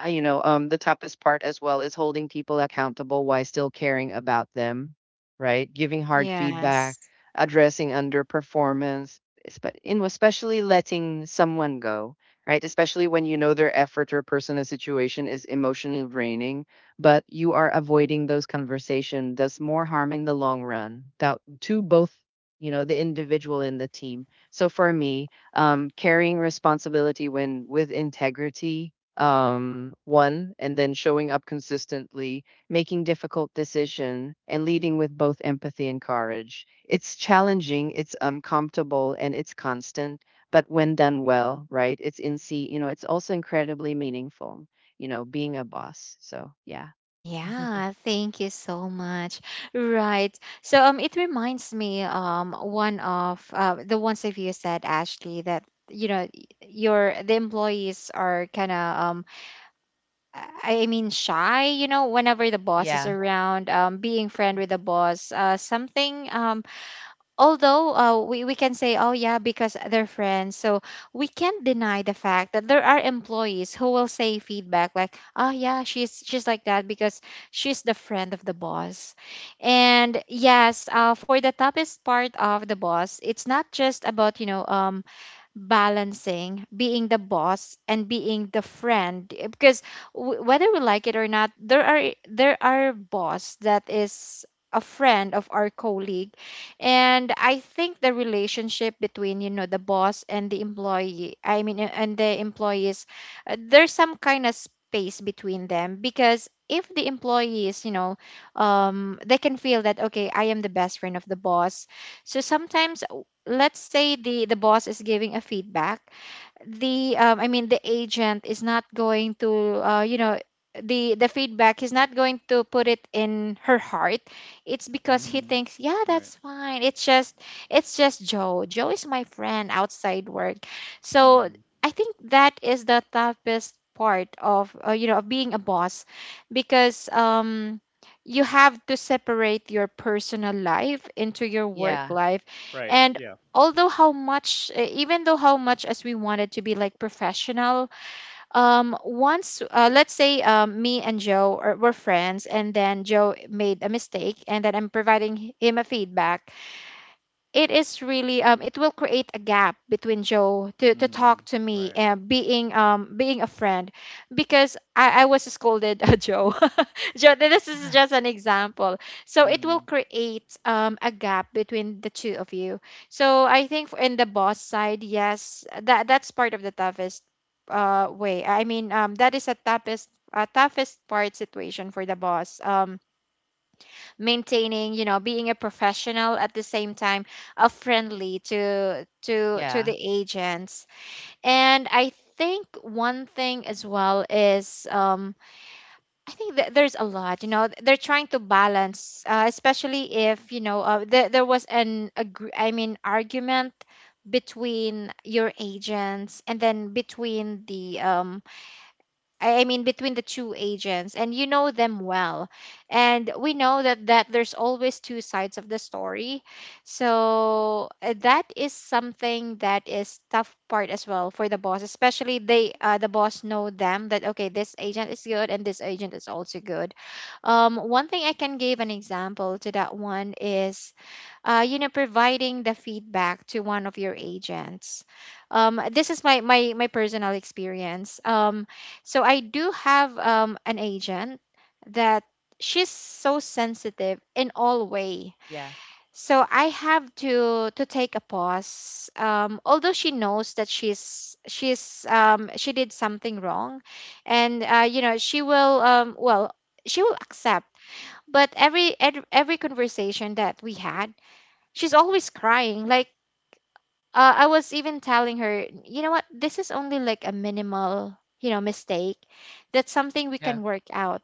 Speaker 3: the toughest part as well is holding people accountable while still caring about them, right? Giving hard feedback,
Speaker 1: yes.
Speaker 3: addressing underperformance, espe- in especially letting someone go, right? Especially when you know their effort or personal situation is emotionally draining, but you are avoiding those conversations does more harm in the long run that, to both, the individual and the team. So for me, carrying responsibility when with integrity one, and then showing up consistently, making difficult decision, and leading with both empathy and courage. It's challenging, it's uncomfortable, and it's constant. But when done well, right, it's in see, it's also incredibly meaningful. You know, being a boss. So yeah,
Speaker 1: Yeah, thank you so much. Right. So it reminds me, one of, the ones of you said, Ashley, that you know y- your the employees are kind of I mean shy, whenever the boss is
Speaker 3: yeah,
Speaker 1: around, being friend with the boss, something. Although we can say, oh yeah, because they're friends, so we can't deny the fact that there are employees who will say feedback like, oh yeah, she's like that because she's the friend of the boss. And yes, for the toughest part of the boss, it's not just about balancing being the boss and being the friend, because whether we like it or not, there are boss that is a friend of our colleague. And I think the relationship between the boss and the employee, I mean, and the employees, there's some kind of space between them. Because if the employees, they can feel that, okay, I am the best friend of the boss. So sometimes, let's say the boss is giving a feedback, the I mean the agent is not going to, uh, you know the feedback, he's not going to put it in her heart. It's because he
Speaker 2: mm-hmm.
Speaker 1: thinks, yeah,
Speaker 2: Right.
Speaker 1: that's fine, it's just Joe is my friend outside work. So
Speaker 2: Mm.
Speaker 1: I think that is the toughest part of, of being a boss. Because you have to separate your personal life into your work
Speaker 3: yeah,
Speaker 1: life.
Speaker 2: Right.
Speaker 1: And
Speaker 2: Yeah.
Speaker 1: although how much even though how much as we wanted to be like professional, once, let's say, me and Joe were friends, and then Joe made a mistake and then I'm providing him a feedback, it is really, it will create a gap between Joe to
Speaker 2: Mm,
Speaker 1: talk to me
Speaker 2: right.
Speaker 1: and being being a friend, because I was scolded, Joe. Joe, this is
Speaker 3: uh-huh,
Speaker 1: just an example, so it will
Speaker 2: Mm,
Speaker 1: create a gap between the two of you. So I think in the boss side, yes, that's part of the toughest way. I mean, that is a toughest part situation for the boss, maintaining, being a professional at the same time, friendly to
Speaker 3: yeah,
Speaker 1: the agents. And I think one thing as well is, I think that there's a lot, they're trying to balance, especially if there was an I mean argument between your agents, and then between the I mean, between the two agents, and you know them well. And we know that there's always two sides of the story. So that is something that is tough part as well for the boss, especially they the boss know them that okay, this agent is good and this agent is also good. One thing I can give an example to that one is providing the feedback to one of your agents. This is my personal experience. So I do have an agent that she's so sensitive in all way.
Speaker 3: yeah.
Speaker 1: So I have to take a pause. Although she knows that she did something wrong, and she will well, she will accept. But every conversation that we had she's always crying. Like, I was even telling her, you know what? This is only like a minimal mistake. That's something we
Speaker 3: Yeah.
Speaker 1: can work out.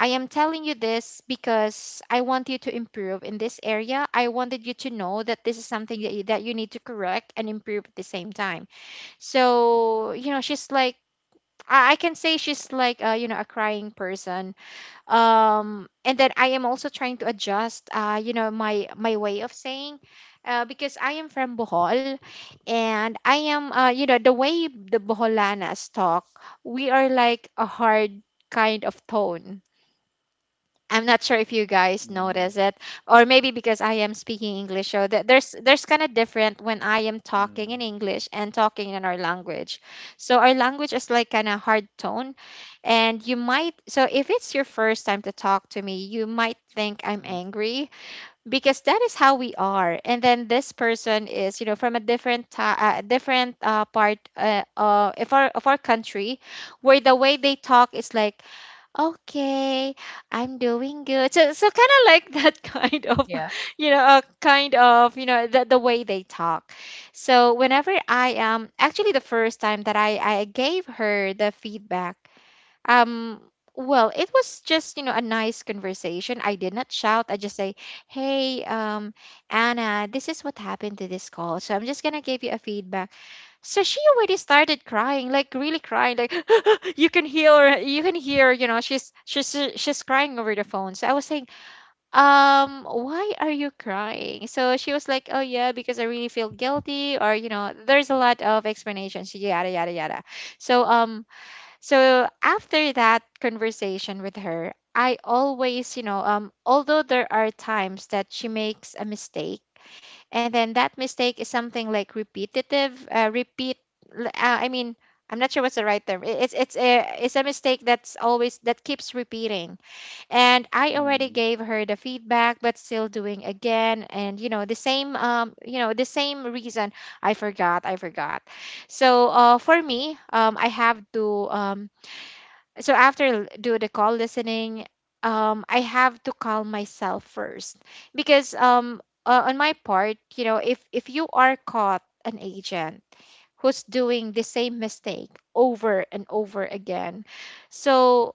Speaker 1: I am telling you this because I want you to improve in this area. I wanted you to know that this is something that you need to correct and improve at the same time. So, she's like I can say she's like a crying person, and then I am also trying to adjust my way of saying, because I am from Bohol. And I am, you know, the way the Boholanas talk, we are like a hard kind of tone. I'm not sure if you guys
Speaker 2: mm,
Speaker 1: notice it, or maybe because I am speaking English, so there's kind of different when I am talking
Speaker 2: mm,
Speaker 1: in English and talking in our language. So our language is like kind of hard tone, and you might, so if it's your first time to talk to me, you might think I'm
Speaker 3: Mm.
Speaker 1: angry because that is how we are. And then this person is, you know, from a different part of our country, where the way they talk is like, "Okay, I'm doing good." So, kind of like that kind of,
Speaker 3: Yeah.
Speaker 1: kind of, the way they talk. So whenever I, actually the first time that I gave her the feedback, um, well, it was just, a nice conversation. I did not shout. I just say, "Hey, Anna, this is what happened to this call. So I'm just gonna give you a feedback." So she already started crying, like really crying, like you can hear, she's crying over the phone. So I was saying, "Why are you crying?" So she was like, "Oh yeah, because I really feel guilty," or you know, there's a lot of explanations, yada yada yada. So um, so, after that conversation with her, I always, although there are times that she makes a mistake and then that mistake is something like repetitive, repeat l- I mean I'm not sure what's the right term. It's a mistake that's always that keeps repeating, and I already
Speaker 2: mm,
Speaker 1: gave her the feedback but still doing again, and you know the same, the same reason. I forgot, I forgot. So, for me, I have to, so after do the call listening, I have to calm myself first, because, on my part, you know, if you are caught an agent who's doing the same mistake over and over again. So,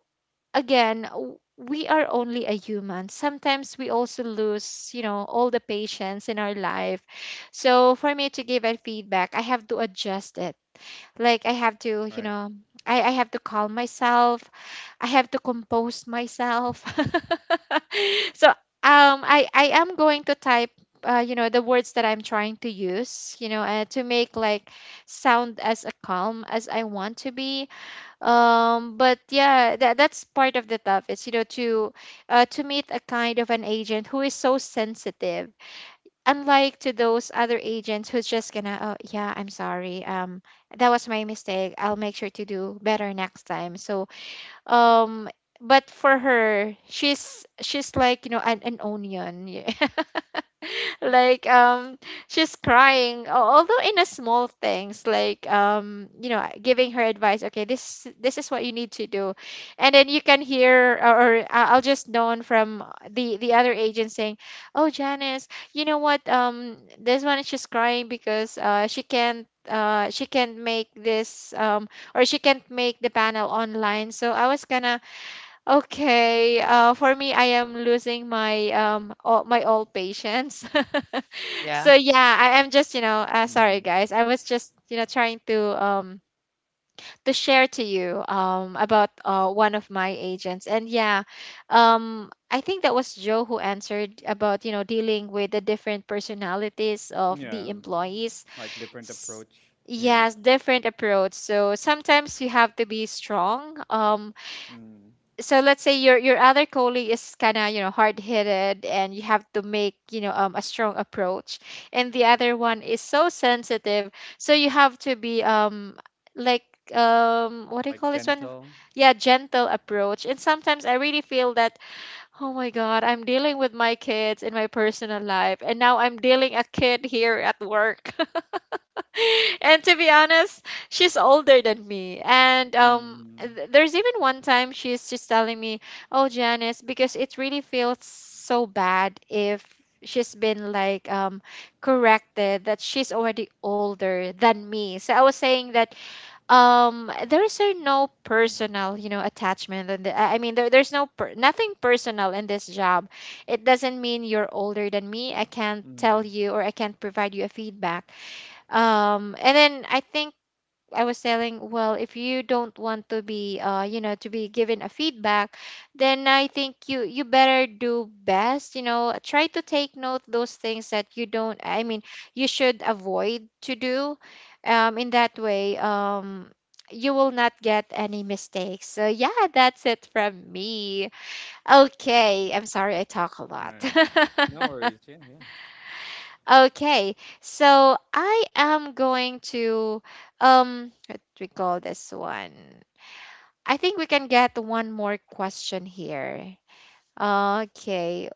Speaker 1: again, we are only a human, sometimes we also lose, you know, all the patience in our life. So for me to give a feedback, I have to adjust it. Like, I have to, you
Speaker 2: right.
Speaker 1: know, I have to calm myself. I have to compose myself. So I am going to type, the words that I'm trying to use, to make like sound as a calm as I want to be. But yeah, that's part of the tough. It's, you know, to meet a kind of an agent who is so sensitive, unlike to those other agents who's just gonna, "Oh yeah, I'm sorry, that was my mistake. I'll make sure to do better next time." So um but for her, she's like, you know, an onion yeah. Like, she's crying, although in a small things like, giving her advice, "Okay, this is what you need to do." And then you can hear, or I'll just known from the other agent saying, "Oh, Janice, you know what, this one is just crying because she can't make this, or she can't make the panel online." So I was gonna. Okay, for me, I am losing my, all, my old patience. So
Speaker 3: Yeah.
Speaker 1: yeah, I am just, you know, sorry
Speaker 2: Mm.
Speaker 1: guys, I was just, you know, trying to share to you, about one of my agents, and yeah, I think that was Joe who answered about, you know, dealing with the different personalities of
Speaker 2: Yeah,
Speaker 1: the employees.
Speaker 2: like different
Speaker 1: S-
Speaker 2: approach. Yeah,
Speaker 1: Yes, different approach. So sometimes you have to be strong.
Speaker 2: mm.
Speaker 1: So let's say your other colleague is kind of, you know, hard-headed, and you have to make, you know, a strong approach, and the other one is so sensitive, so you have to be, like, what do you
Speaker 2: Like
Speaker 1: call this one?
Speaker 2: gentle.
Speaker 1: Yeah, gentle approach. And sometimes I really feel that, "Oh my God, I'm dealing with my kids in my personal life, and now I'm dealing a kid here at work." And to be honest, she's older than me. And
Speaker 2: Mm,
Speaker 1: there's even one time she's just telling me, "Oh, Janice, because it really feels so bad if she's been like, corrected, that she's already older than me." So I was saying that, there is, no personal, you know, attachment, and I mean there's nothing personal in this job. It doesn't mean you're older than me, I can't tell
Speaker 2: mm.
Speaker 1: you or I can't provide you a feedback. And then I think I was telling, well, if you don't want to be, to be given a feedback, then I think you better do best. You know, try to take note those things that you don't. I mean, you should avoid to do. In that way, you will not get any mistakes. So yeah, that's it from me. Okay, I'm sorry I talk a lot.
Speaker 2: Nice. No worries. Yeah, yeah.
Speaker 1: Okay, so I am going to, what do we call this one? I think we can get one more question here. Okay,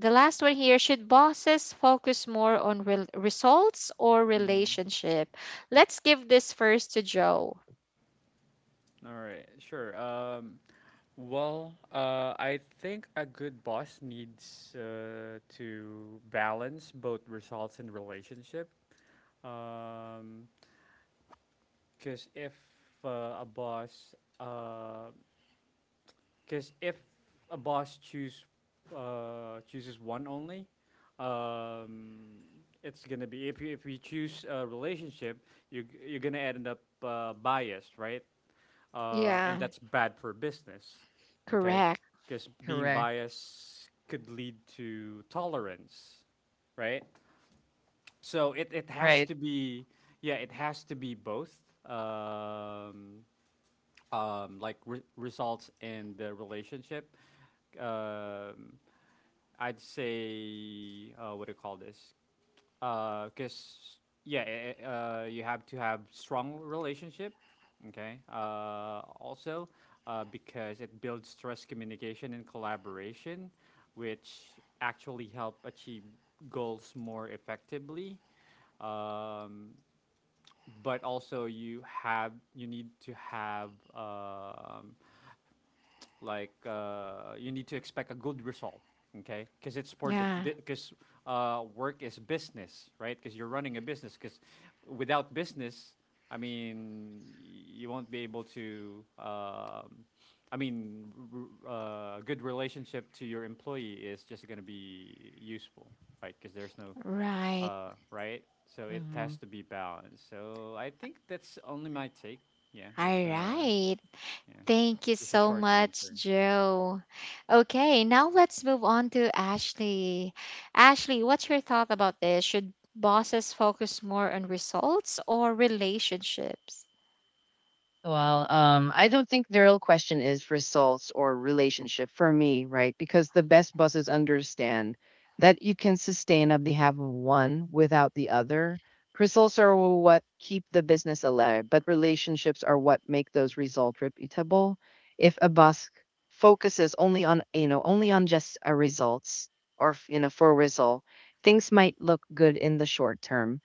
Speaker 1: the last one here. Should bosses focus more on results or
Speaker 2: Mm.
Speaker 1: relationship? Let's give this first to Joe.
Speaker 2: All right. Sure. Well, I think a good boss needs to balance both results and relationship. Um, Because if a boss, because if a boss chooses one only, um, it's gonna be if you choose a relationship, you're gonna end up biased, right? And
Speaker 1: Yeah,
Speaker 2: that's bad for business, okay?
Speaker 1: correct.
Speaker 2: Because being
Speaker 3: Correct.
Speaker 2: biased could lead to tolerance, right? So it has
Speaker 3: Right.
Speaker 2: to be yeah, it has to be both. Um, like results in the relationship. Um, I'd say what do you call this? Because yeah, you have to have strong relationship. Okay. Also, because it builds trust, communication, and collaboration, which actually help achieve goals more effectively. Um, but also you need to have you need to expect a good result okay because it's for the
Speaker 1: Yeah,
Speaker 2: because work is business right because you're running a business because without business i mean you won't be able to i mean a r- good relationship to your employee is just going to be useful right because there's no
Speaker 1: right.
Speaker 2: right? So it
Speaker 3: Hmm.
Speaker 2: has to be balanced. So I think that's only my take. Yeah,
Speaker 1: All
Speaker 2: that's
Speaker 1: right.
Speaker 2: yeah,
Speaker 1: Thank you
Speaker 2: just a
Speaker 1: so
Speaker 2: short
Speaker 1: much,
Speaker 2: answer.
Speaker 1: Joe. Okay, now let's move on to Ashley. Ashley, what's your thought about this? Should bosses focus more on results or relationships?
Speaker 3: Well, I don't think the real question is results or relationship for me, right? Because the best bosses understand that you can sustain on behalf of one without the other. Results are what keep the business alive, but relationships are what make those results repeatable. If a boss focuses only on, only on just a results or, for result, things might look good in the short term.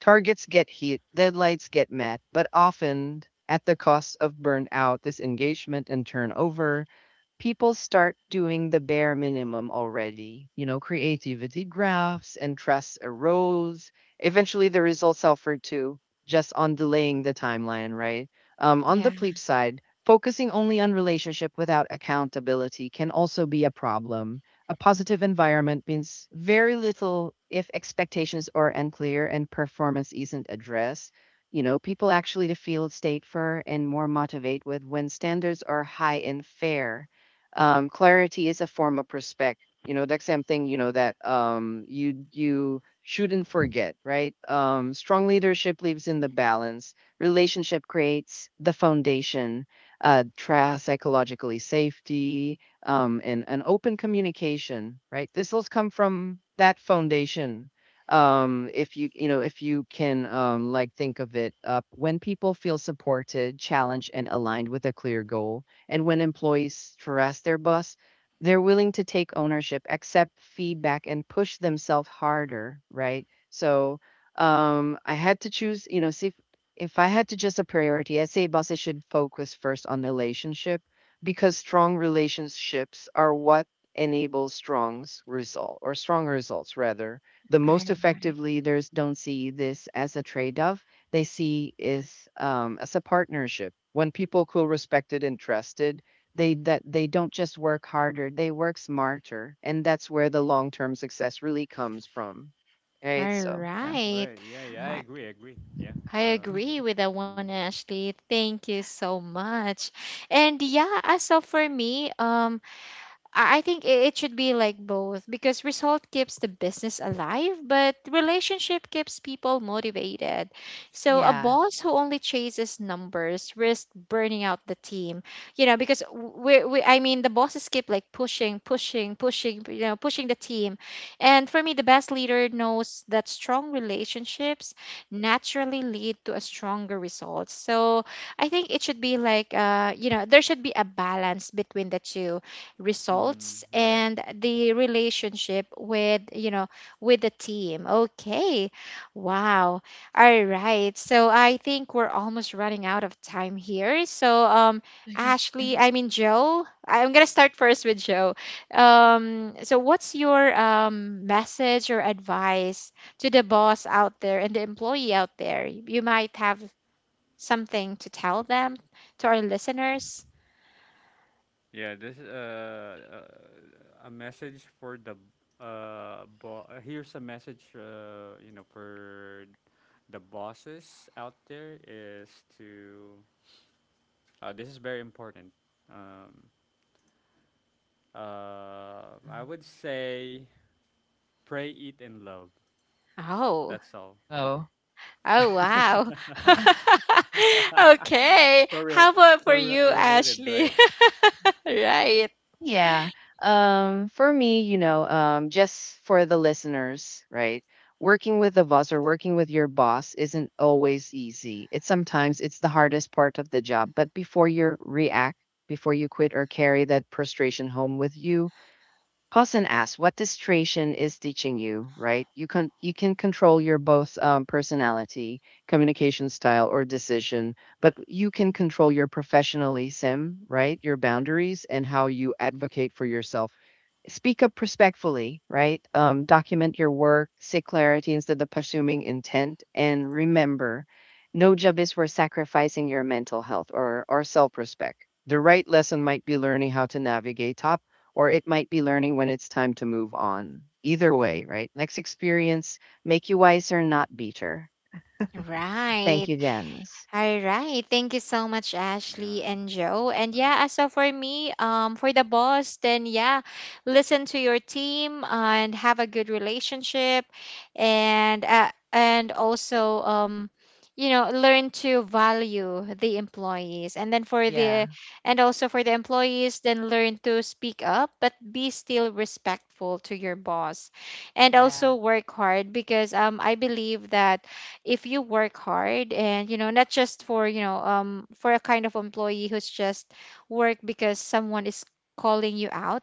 Speaker 3: Targets get hit, deadlines get met, but often at the cost of burnout, disengagement, and turnover. People start doing the bare minimum already. You know, creativity graphs and trust erodes. Eventually, the results suffer too, just on delaying the timeline, right? On
Speaker 1: Yeah,
Speaker 3: the bleep side, focusing only on relationship without accountability can also be a problem. A positive environment means very little if expectations are unclear and performance isn't addressed. You know, people actually feel state for and more motivate with when standards are high and fair. Clarity is a form of respect. You know, that's something you know that you you shouldn't forget, right? Strong leadership lives in the balance. Relationship creates the foundation, trust, psychologically safety, and an open communication, right? This will come from that foundation. If you, if you can, like think of it up when people feel supported, challenged, and aligned with a clear goal, and when employees trust their boss, they're willing to take ownership, accept feedback, and push themselves harder, right? So, I had to choose, see if I had to just a priority, I say bosses should focus first on relationship because strong relationships are what enable strong result or strong results rather. The most
Speaker 1: all
Speaker 3: effective
Speaker 1: right.
Speaker 3: leaders don't see this as a trade-off, they see is as a partnership. When people feel respected and trusted, they that they don't just work harder, they work smarter, and that's where the long-term success really comes from, right?
Speaker 1: All
Speaker 3: So yeah.
Speaker 1: right.
Speaker 2: Right. Yeah. Yeah. I
Speaker 3: Uh,
Speaker 1: I
Speaker 2: agree. I agree. Yeah.
Speaker 1: I agree with that one,
Speaker 2: Mhm,
Speaker 1: Ashley. Thank you so much. And yeah, as so for me, I think it should be like both, because result keeps the business alive, but relationship keeps people motivated. So a
Speaker 2: right.
Speaker 3: Yeah.
Speaker 1: boss who only chases numbers risks burning out the team. You know, because we I mean the bosses keep like pushing, pushing, pushing, you know, pushing the team. And for me, the best leader knows that strong relationships naturally lead to a stronger result. So I think it should be like, there should be a balance between the two,
Speaker 2: Hmm.
Speaker 1: results
Speaker 2: Right.
Speaker 1: and the relationship with, you know, with the team. Okay, wow, all right, so I think we're almost running out of time here. So, ashley I mean Joe, I'm gonna start first with Joe. So what's your, message or advice to the boss out there and the employee out there? You might have something to tell them, to our listeners.
Speaker 2: Yeah. This is a message for the bo- here's a message you know for the bosses out there is to this is very important. Um, Uh, I would say pray, eat, and love.
Speaker 1: Oh.
Speaker 2: That's all.
Speaker 3: Oh.
Speaker 1: Oh, wow.
Speaker 2: So
Speaker 1: Okay.
Speaker 2: real,
Speaker 1: How about for you,
Speaker 2: related,
Speaker 1: Ashley?
Speaker 2: right?
Speaker 1: Right.
Speaker 3: Yeah. For me, just for the listeners, right? Working with a boss or working with your boss isn't always easy. It's sometimes it's the hardest part of the job. But before you react, before you quit or carry that frustration home with you, Paulson asks, "What this creation is teaching you, right? You can control your both personality, communication style, or decision, but you can control your professionalism, right? Your boundaries and how you advocate for yourself. Speak up respectfully, right? Document your work, seek clarity instead of assuming intent, and remember, no job is worth sacrificing your mental health or self-respect. The right lesson might be learning how to navigate topics." Or it might be learning when it's time to move on. Either way, right? Next experience make you wiser, not beater. Thank
Speaker 1: Right.
Speaker 3: you, Janice.
Speaker 1: All right. Thank you so much,
Speaker 2: Yeah,
Speaker 1: Ashley
Speaker 2: yeah,
Speaker 1: and
Speaker 2: it's
Speaker 1: Joe. And
Speaker 2: nice,
Speaker 1: yeah,
Speaker 2: nice.
Speaker 1: as so for me, for the boss, then yeah, listen to your team and have a good relationship, and also, you know, learn to value the employees. And then for
Speaker 3: Yeah.
Speaker 1: the, and also for the employees, then learn to speak up, but be still respectful to your boss, and also
Speaker 3: Yeah.
Speaker 1: work hard, because I believe that if you work hard and you know not just for, you know, for a kind of employee who's just work because someone is calling you out,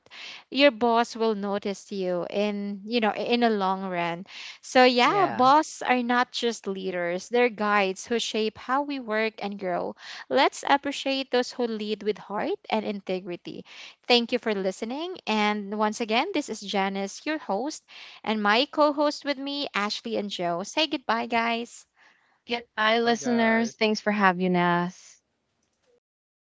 Speaker 1: your boss will notice you in, you know, in a long run. So yeah,
Speaker 3: Yeah.
Speaker 1: boss are not just leaders, they're guides who shape how we work and grow. Let's appreciate those who lead with heart and integrity. Thank you for listening, and once again, this is Janice, your host, and my co host with me, Ashley and Joe. Say goodbye, guys.
Speaker 3: Get bye,
Speaker 2: Bye,
Speaker 3: listeners.
Speaker 2: guys.
Speaker 3: Thanks for having us.
Speaker 2: Thank you, guys.